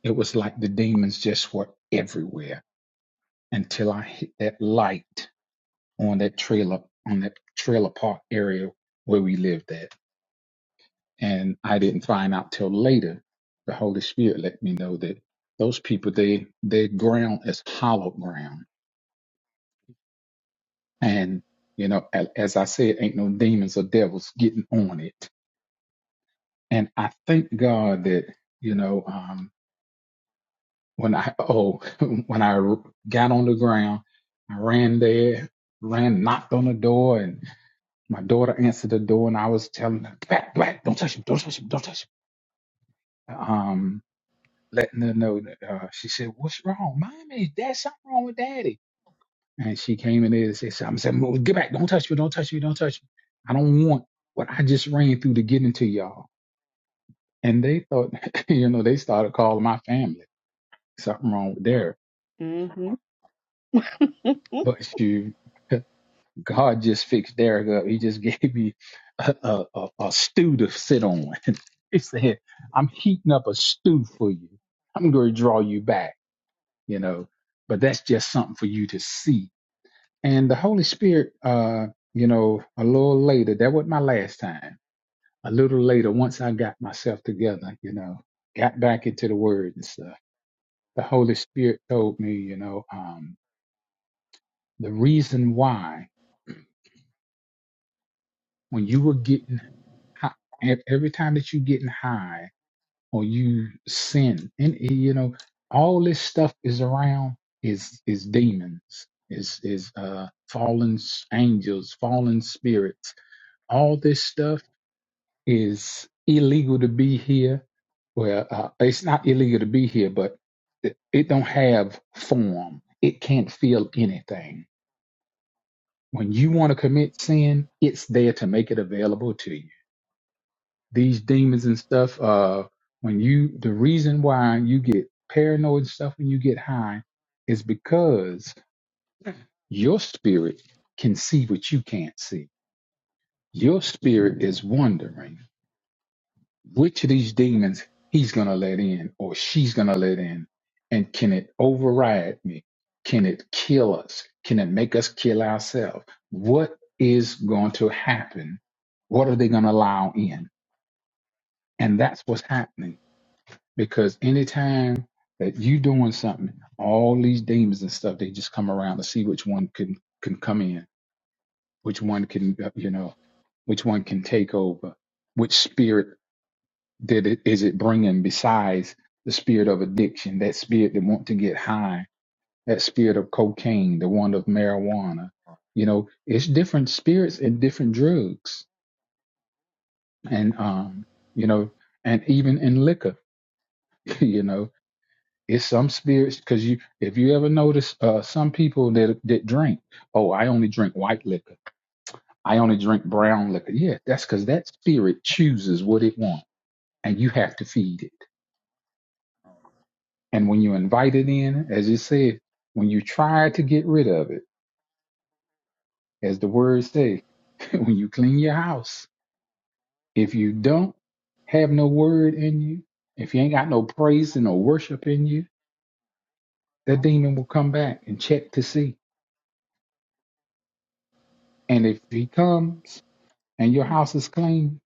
It was like the demons just were everywhere until I hit that light on that trailer, on that trailer park area where we lived at. and I didn't find out till later. The Holy Spirit let me know that those people they their ground is hollow ground, and you know, a- as I said, ain't no demons or devils getting on it. And I thank God that you know um, when I oh when I got on the ground, I ran there, ran knocked on the door, and my daughter answered the door, and I was telling her, back, back, don't touch him, don't touch him, don't touch him. Um, letting her know that uh, she said, "What's wrong, mommy? Is that something wrong with daddy?" And she came in there and said, "Something said, "Well, get back! Don't touch me! Don't touch me! Don't touch me! I don't want what I just ran through to get into y'all." And they thought, you know, they started calling my family something wrong with Derek, hmm but you, God just fixed Derek up. He just gave me a, a, a, a stew to sit on. he said, I'm heating up a stew for you. I'm going to draw you back, you know, but that's just something for you to see And the Holy Spirit, uh, you know, a little later, that was not my last time. A little later, once I got myself together, you know, got back into the word and stuff, the Holy Spirit told me, you know, um, the reason why when you were getting high, every time that you're getting high or you sin, and eh, you know, all this stuff is around is is demons, is is uh fallen s- angels, fallen spirits, all this stuff is illegal to be here. Well, uh, it's not illegal to be here, but it, it don't have form. It can't feel anything. When you want to commit sin, it's there to make it available to you. These demons and stuff. Uh, when you the reason why you get paranoid and stuff when you get high is because your spirit can see what you can't see. Your spirit is wondering. which of these demons he's going to let in or she's going to let in and can it override me can it kill us can it make us kill ourselves what is going to happen what are they going to allow in and that's what's happening because anytime that you doing something all these demons and stuff they just come around to see which one can can come in which one can uh, you know which one can take over which spirit that it is it bringing besides the spirit of addiction, that spirit that want to get high, that spirit of cocaine, the one of marijuana. You know, it's different spirits and different drugs, and um, you know, and even in liquor, you know, it's some spirits because you if you ever notice uh, some people that that drink, oh, I only drink white liquor. I only drink brown liquor. Yeah, that's because that spirit chooses what it wants, and you have to feed it And when you invite it in, as you said, when you try to get rid of it, as the words say, when you clean your house, if you don't have no word in you, if you ain't got no praise and no worship in you, that demon will come back and check to see. And if he comes and your house is clean,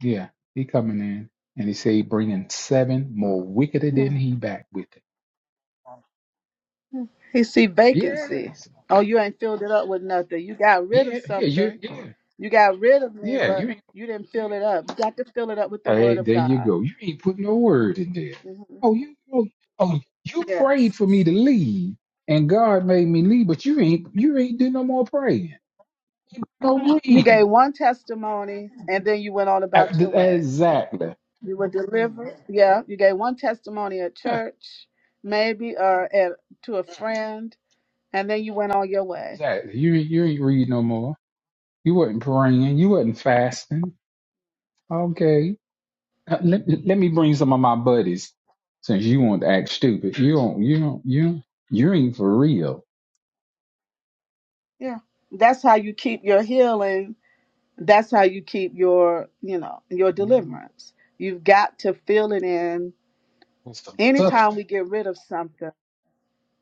yeah, he coming in. And he say he bringing seven more wickeder than he back with it. He see vacancy. Yes. Oh, you ain't filled it up with nothing. You got rid of Yeah, yeah, you something. yeah, You got rid of me, yeah. but You you didn't ain't. fill it up. You got to fill it up with the word Hey, of there you God. go. You ain't put no word in there. Mhm. Oh, you oh, oh you Yes. prayed for me to leave, and God made me leave, but you ain't you ain't do no more praying, no You reading. gave one testimony and then you went on Uh, about your th- way. Exactly, You were delivered. Yeah. You gave one testimony at church, maybe, or at, to a friend and then you went on your way. exactly. You ain't- you ain't read no more. You wasn't praying. You wasn't fasting. Okay, Uh, let let me bring some of my buddies. Since you want to act stupid, you don't you don't you you ain't for real. Yeah. That's how you keep your healing. That's how you keep your, you know, your Mhm. deliverance. You've got to fill it in. With some Anytime we substance. get rid of something,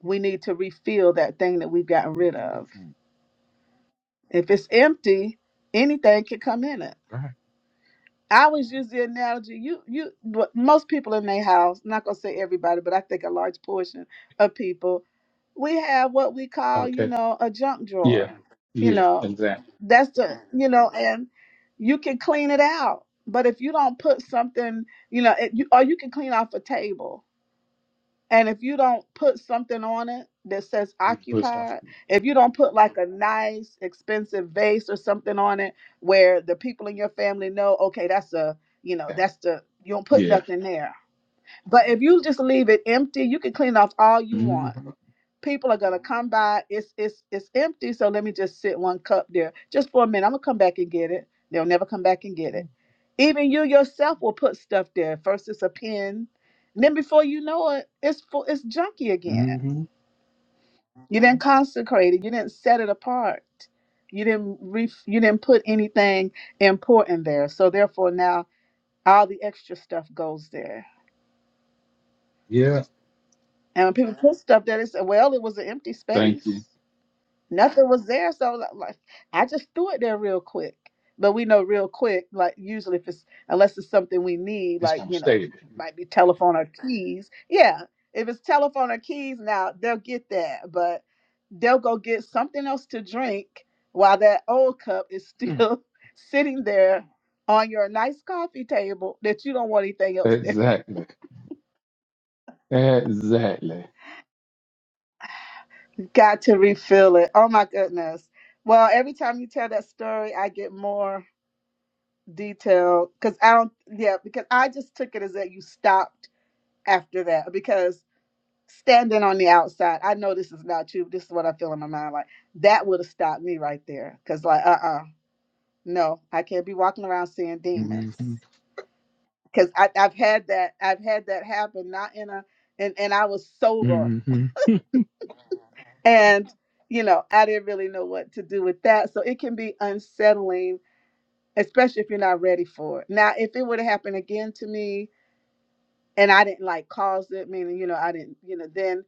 we need to refill that thing that we've gotten rid Mhm. of. If it's empty, anything can come in it. Right. I always use the analogy. You, you, but most people in their house. Not gonna say everybody, but I think a large portion of people, we have what we call, Okay. you know, a junk Yeah, drawer. You yeah, know, exactly. that's the, you know, and you can clean it out. But if you don't put something, you know, it, you, or you can clean off a table and if you don't put something on it that says He pushed off. occupied, if you don't put like a nice, expensive vase or something on it where the people in your family know, okay, that's a, you know, Gotcha. that's the, you don't put Yeah. nothing there. But if you just leave it empty, you can clean off all you hmm want people are gonna come by. It's it's it's empty, so let me just sit one cup there just for a minute. I'm gonna come back and get it. They'll never come back and get it. Even you yourself will put stuff there. First it's a pen, and then before you know it, it's full, it's junky again. hmm You didn't consecrate it. You didn't set it apart. You didn't re- you didn't put anything important there. So therefore now all the extra stuff goes there. Yeah. And when people put stuff there, they say, "Well, it was an empty Thank you. space." nothing was there. So li- like, I just threw it there real quick. But we know real quick, like usually if it's unless it's something we need, It's like gonna you know, stay there. it might be telephone or keys. Yeah, if it's telephone or keys, now they'll get that, but they'll go get something else to drink while that old cup is Mm. still sitting there on your nice coffee table that you don't want anything else there. Exactly. Exactly. Got to refill it. Oh my goodness. Well, every time you tell that story, I get more. detail because I don't, yeah, because I just took it as that you stopped after that because standing on the outside, I know this is not true. This is what I feel in my mind. Like that would have stopped me right there because, like, uh uh no, I can't be walking around seeing hmm demons because I've had that, I've had that happen, not in a, and, and I was sober hmm and, you know, I didn't really know what to do with that. So it can be unsettling, especially if you're not ready for it. Now, if it would have happened again to me, and I didn't like cause it, meaning, you know, I didn't, you know, then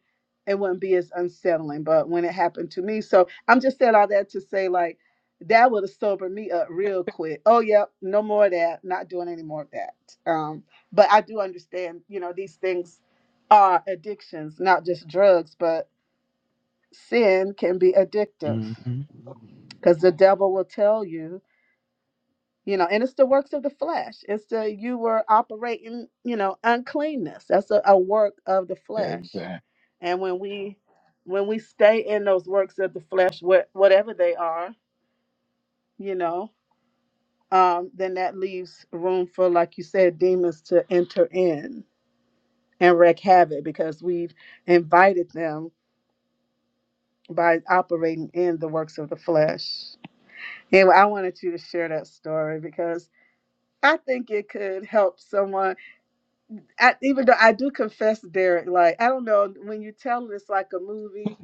it wouldn't be as unsettling. But when it happened to me, so I'm just saying all that to say, like, that would have sobered me up real quick. Oh, yep, no more of that. Not doing any more of that. Um, but I do understand, you know, these things are addictions, not just drugs, but sin can be addictive hmm because the devil will tell you you know and it's the works of the flesh it's the you were operating you know uncleanness that's a, a work of the flesh Exactly. and when we when we stay in those works of the flesh what whatever they are you know um then that leaves room for like you said demons to enter in and wreak havoc because we've invited them by operating in the works of the flesh anyway i wanted you to share that story because i think it could help someone I, even though I do confess, Derek, like I don't know when you tell this like a movie,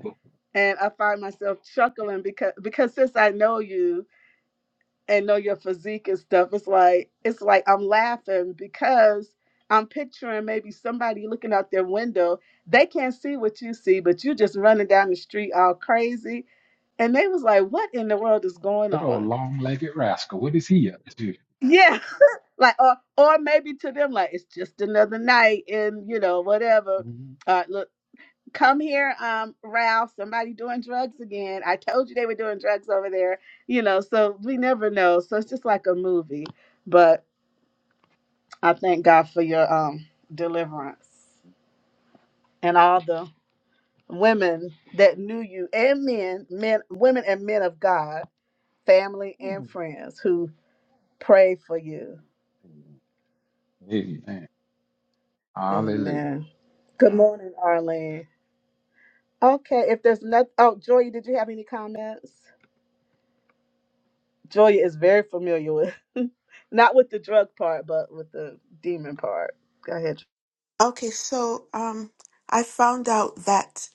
and I find myself chuckling because because since I know you and know your physique and stuff, it's like it's like I'm laughing because I'm picturing maybe somebody looking out their window. They can't see what you see, but you just running down the street all crazy, and they was like, "What in the world is going That old on?" long-legged rascal. What is he up to? Yeah, like or or maybe to them like it's just another night, and you know whatever. Mhm. Uh, Come here, um, Ralph. Somebody doing drugs again. I told you they were doing drugs over there. You know, so we never know. So it's just like a movie. But I thank God for your um deliverance and all the women that knew you and men, men, women and men of God, family and friends who prayed for you. Amen. Hallelujah. Amen. Good morning, Arlene. Okay, if there's nothing, oh, Joy, did you have any comments? Joya is very familiar with, not with the drug part, but with the demon part. Go ahead. Okay, so um I found out that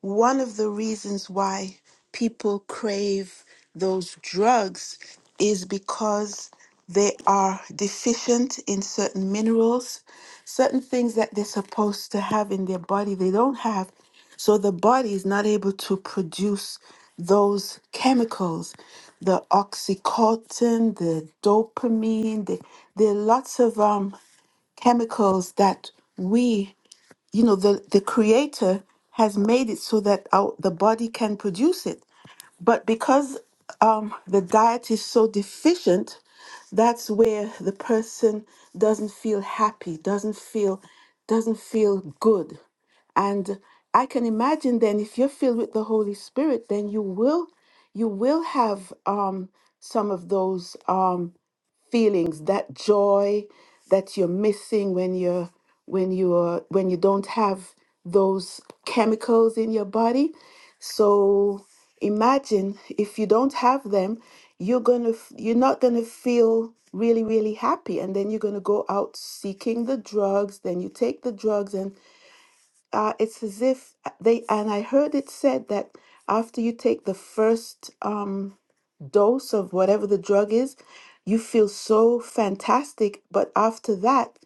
one of the reasons why people crave those drugs is because they are deficient in certain minerals, certain things that they're supposed to have in their body, they don't have. So the body is not able to produce those chemicals, the oxycontin, the dopamine. The, there are lots of um, chemicals that we you know the the creator has made it so that our, the body can produce it but because um the diet is so deficient that's where the person doesn't feel happy doesn't feel doesn't feel good and i can imagine then if you're filled with the holy spirit then you will you will have um some of those um, feelings, that joy that you're missing when you're when you are when you don't have those chemicals in your body. So imagine if you don't have them, you're gonna f- you're not gonna feel really really happy, and then you're gonna go out seeking the drugs. Then you take the drugs, and uh, it's as if uh, they. And I heard it said that after you take the first um, dose of whatever the drug is, you feel so fantastic. But after that,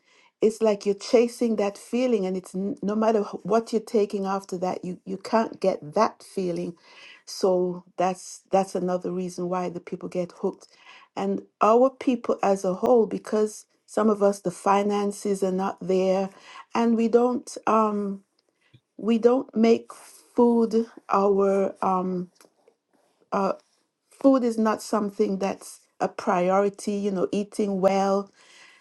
it's like you're chasing that feeling, and it's n- no matter h- what you're taking after that, you you can't get that feeling. So that's that's another reason why the people get hooked, and our people as a whole, because some of us the finances are not there, and we don't um we don't make food our um food is not something that's a priority you know eating well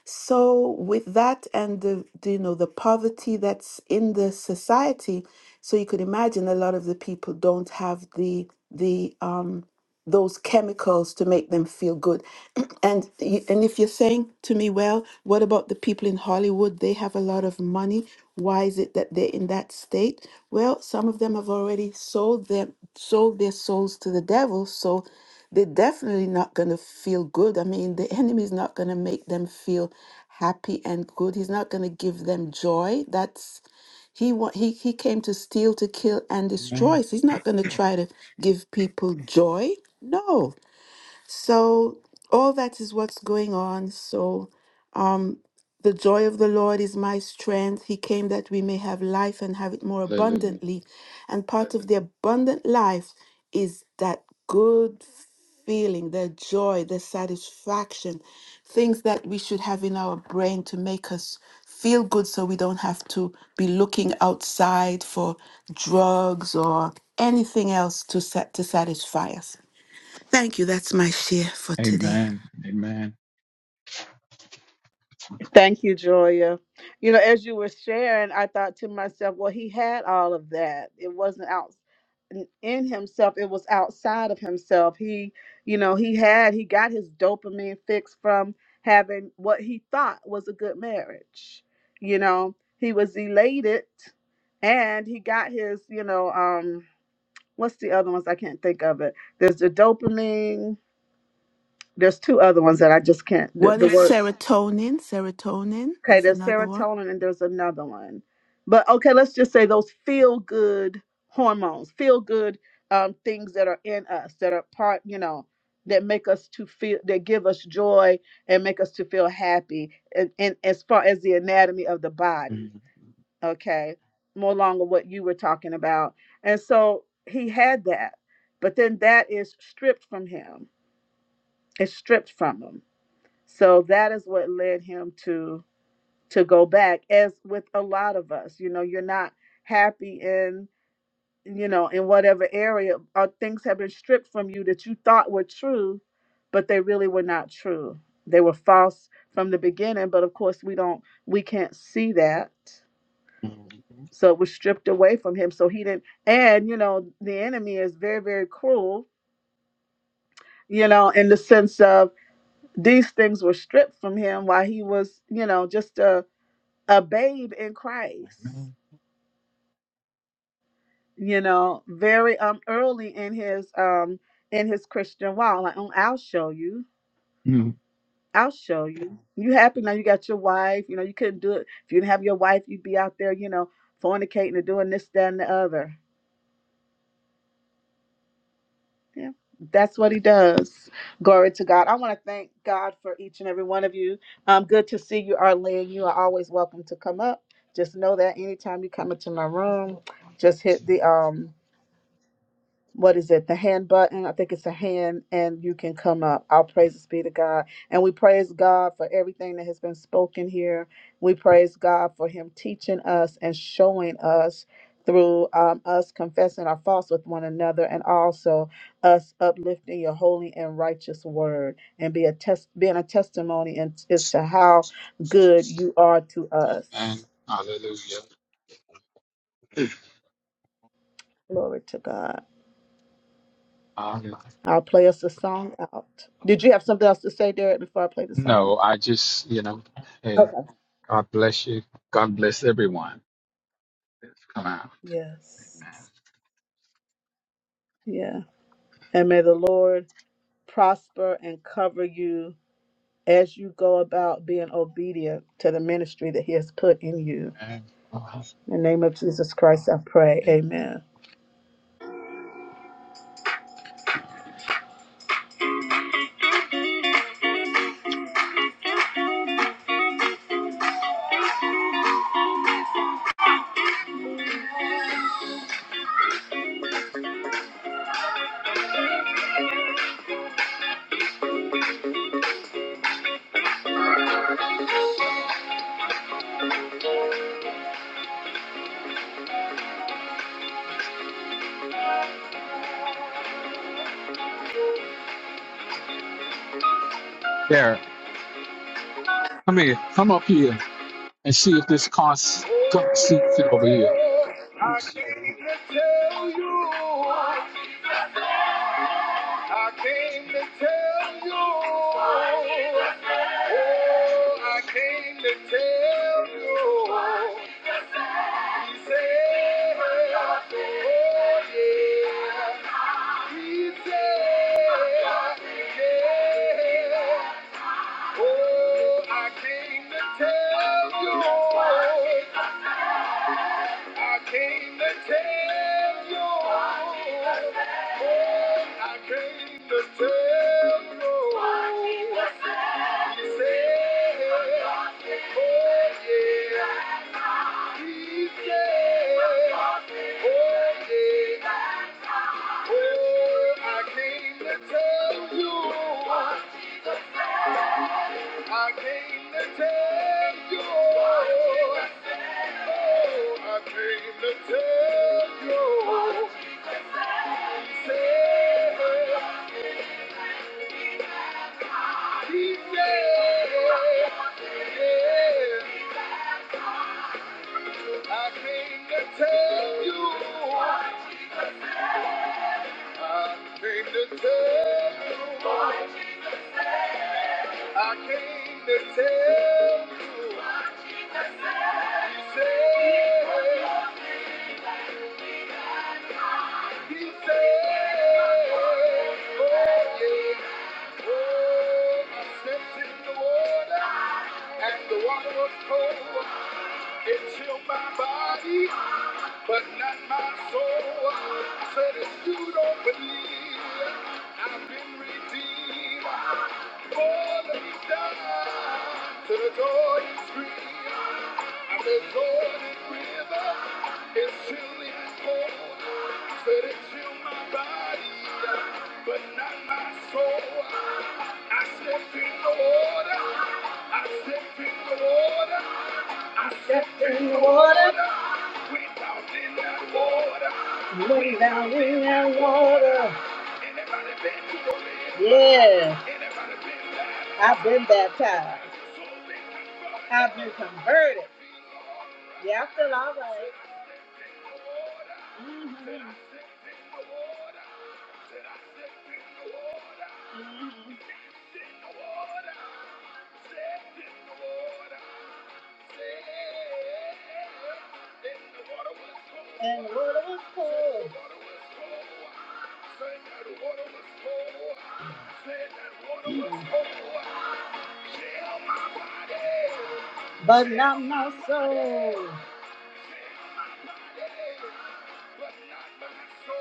so with that and the, the you know the poverty that's in the society so you could imagine a lot of the people don't have the the um those chemicals to make them feel good. and you- and if you're saying to me, well, what about the people in Hollywood? They have a lot of money. Why is it that they're in that state? Well, some of them have already sold them sold their souls to the devil, so they're definitely not going to feel good. I mean, the enemy is not going to make them feel happy and good. He's not going to give them joy. That's he wa- he he came to steal, to kill, and Amen. destroy. So he's not going to try to give people joy. No. So all that is what's going on. So um, the joy of the Lord is my strength. He came that we may have life and have it more Hallelujah. abundantly. And part of the abundant life is that good feeling, the joy, the satisfaction, things that we should have in our brain to make us feel good so we don't have to be looking outside for drugs or anything else to, sat- to satisfy us. Thank you. That's my share for today. Amen. Amen. Thank you, Joya. You know, as you were sharing, I thought to myself, well, he had all of that. It wasn't out in in himself, it was outside of himself. He, you know, he had, he got his dopamine fix from having what he thought was a good marriage. You know, he was elated and he got his, you know, um. what's the other ones? I can't think of it. There's the dopamine. There's two other ones that I just can't. The, What is the word serotonin? Serotonin okay. is There's another one. serotonin and there's another one. But okay, let's just say those feel good hormones, feel good um, things that are in us that are part, you know, that make us to feel that give us joy and make us to feel happy. And, and as far as the anatomy of the body. okay more along with what you were talking about and so he had that but then that is stripped from him it's stripped from him so that is what led him to to go back as with a lot of us you know you're not happy in you know in whatever area or things have been stripped from you that you thought were true but they really were not true they were false from the beginning but of course we don't we can't see that Mhm. So it was stripped away from him. So he didn't. And, you know, the enemy is very, very cruel, you know, in the sense of these things were stripped from him while he was, you know, just a, a babe in Christ, Amen. you know, very um early in his um in his Christian walk. Like, oh, I'll show you. I'll show you. You happy now you got your wife, you know, you couldn't do it. If you didn't have your wife, you'd be out there, you know, fornicating and doing this, that, and the other Yeah, that's what he does. Glory to God. I want to thank God for each and every one of you. Um, good to see you, Arlene. You are always welcome to come up. Just know that anytime you come into my room, just hit the um what is it, the hand button. I think it's a hand, and you can come up. Our praises be to God. And we praise God for everything that has been spoken here. We praise God for Him teaching us and showing us through um, us confessing our faults with one another and also us uplifting your holy and righteous word and be a test being a testimony and as to how good you are to Amen. us hallelujah. glory to god Um, I'll play us a song out. Did you have something else to say, Derek, before I play the song? no, I just, you know, hey, Okay. God bless you. God bless everyone that's come out. Yes. Amen. Yeah. And may the Lord prosper and cover you as you go about being obedient to the ministry that He has put in you. Amen. In the name of Jesus Christ, I pray. Amen. Amen. There, come here. Come up here and see if this car seat fit over here. I came to tell you. Oh, I came to tell you, I came to tell you, oh, I came to tell you, oh yeah, oh yeah. Oh, I came to tell you. I came to tell you. oh, I came to tell you. He said, he said, yeah. I came to tell you. I came to tell you. I came to tell you. He said, He said, Oh, yeah. Oh, I stepped in the water, and the water was cold. It chilled my body. But not my soul said if you don't believe I've been redeemed. For the down to the Jordan stream. And the Jordan River is chilly and cold. Said it chilled my body, but not my soul. I stepped in the water. I stepped in the water. I stepped in the water. Way down in that water. Yeah, I've been baptized. I've been converted. Yeah, I feel all right. Mhm. And the water was cold, but not my soul.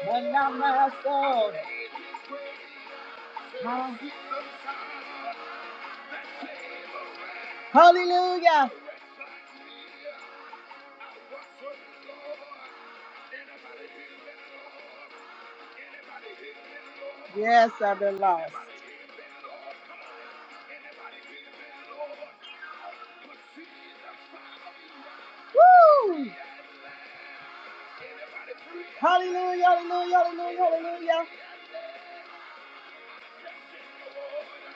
But not my soul. Huh? Hallelujah. Yes, I've been lost. Woo! Hallelujah, hallelujah, hallelujah, hallelujah.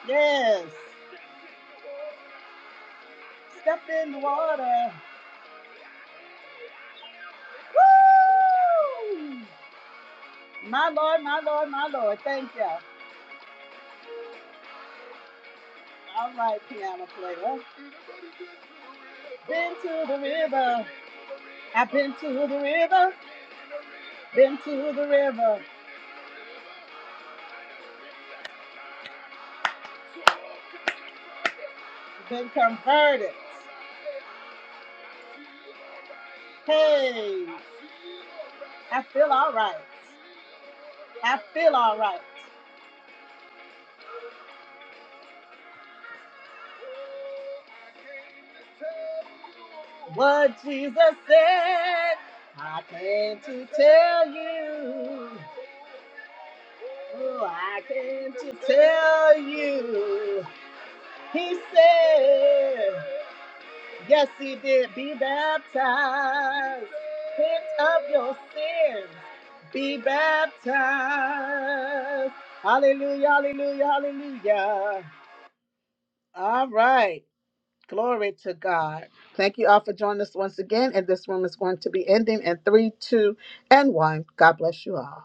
Yes. Step in the water. Woo! My Lord, my Lord, my Lord. Thank you. All right, piano player. Been to the river. What Jesus said. I came to tell you. Oh, I came to tell you. He said, Yes, he did. Be baptized. Repent of your sins. Be baptized. Hallelujah, hallelujah, hallelujah. All right. Glory to God. Thank you all for joining us once again. And this room is going to be ending in three, two, and one. God bless you all.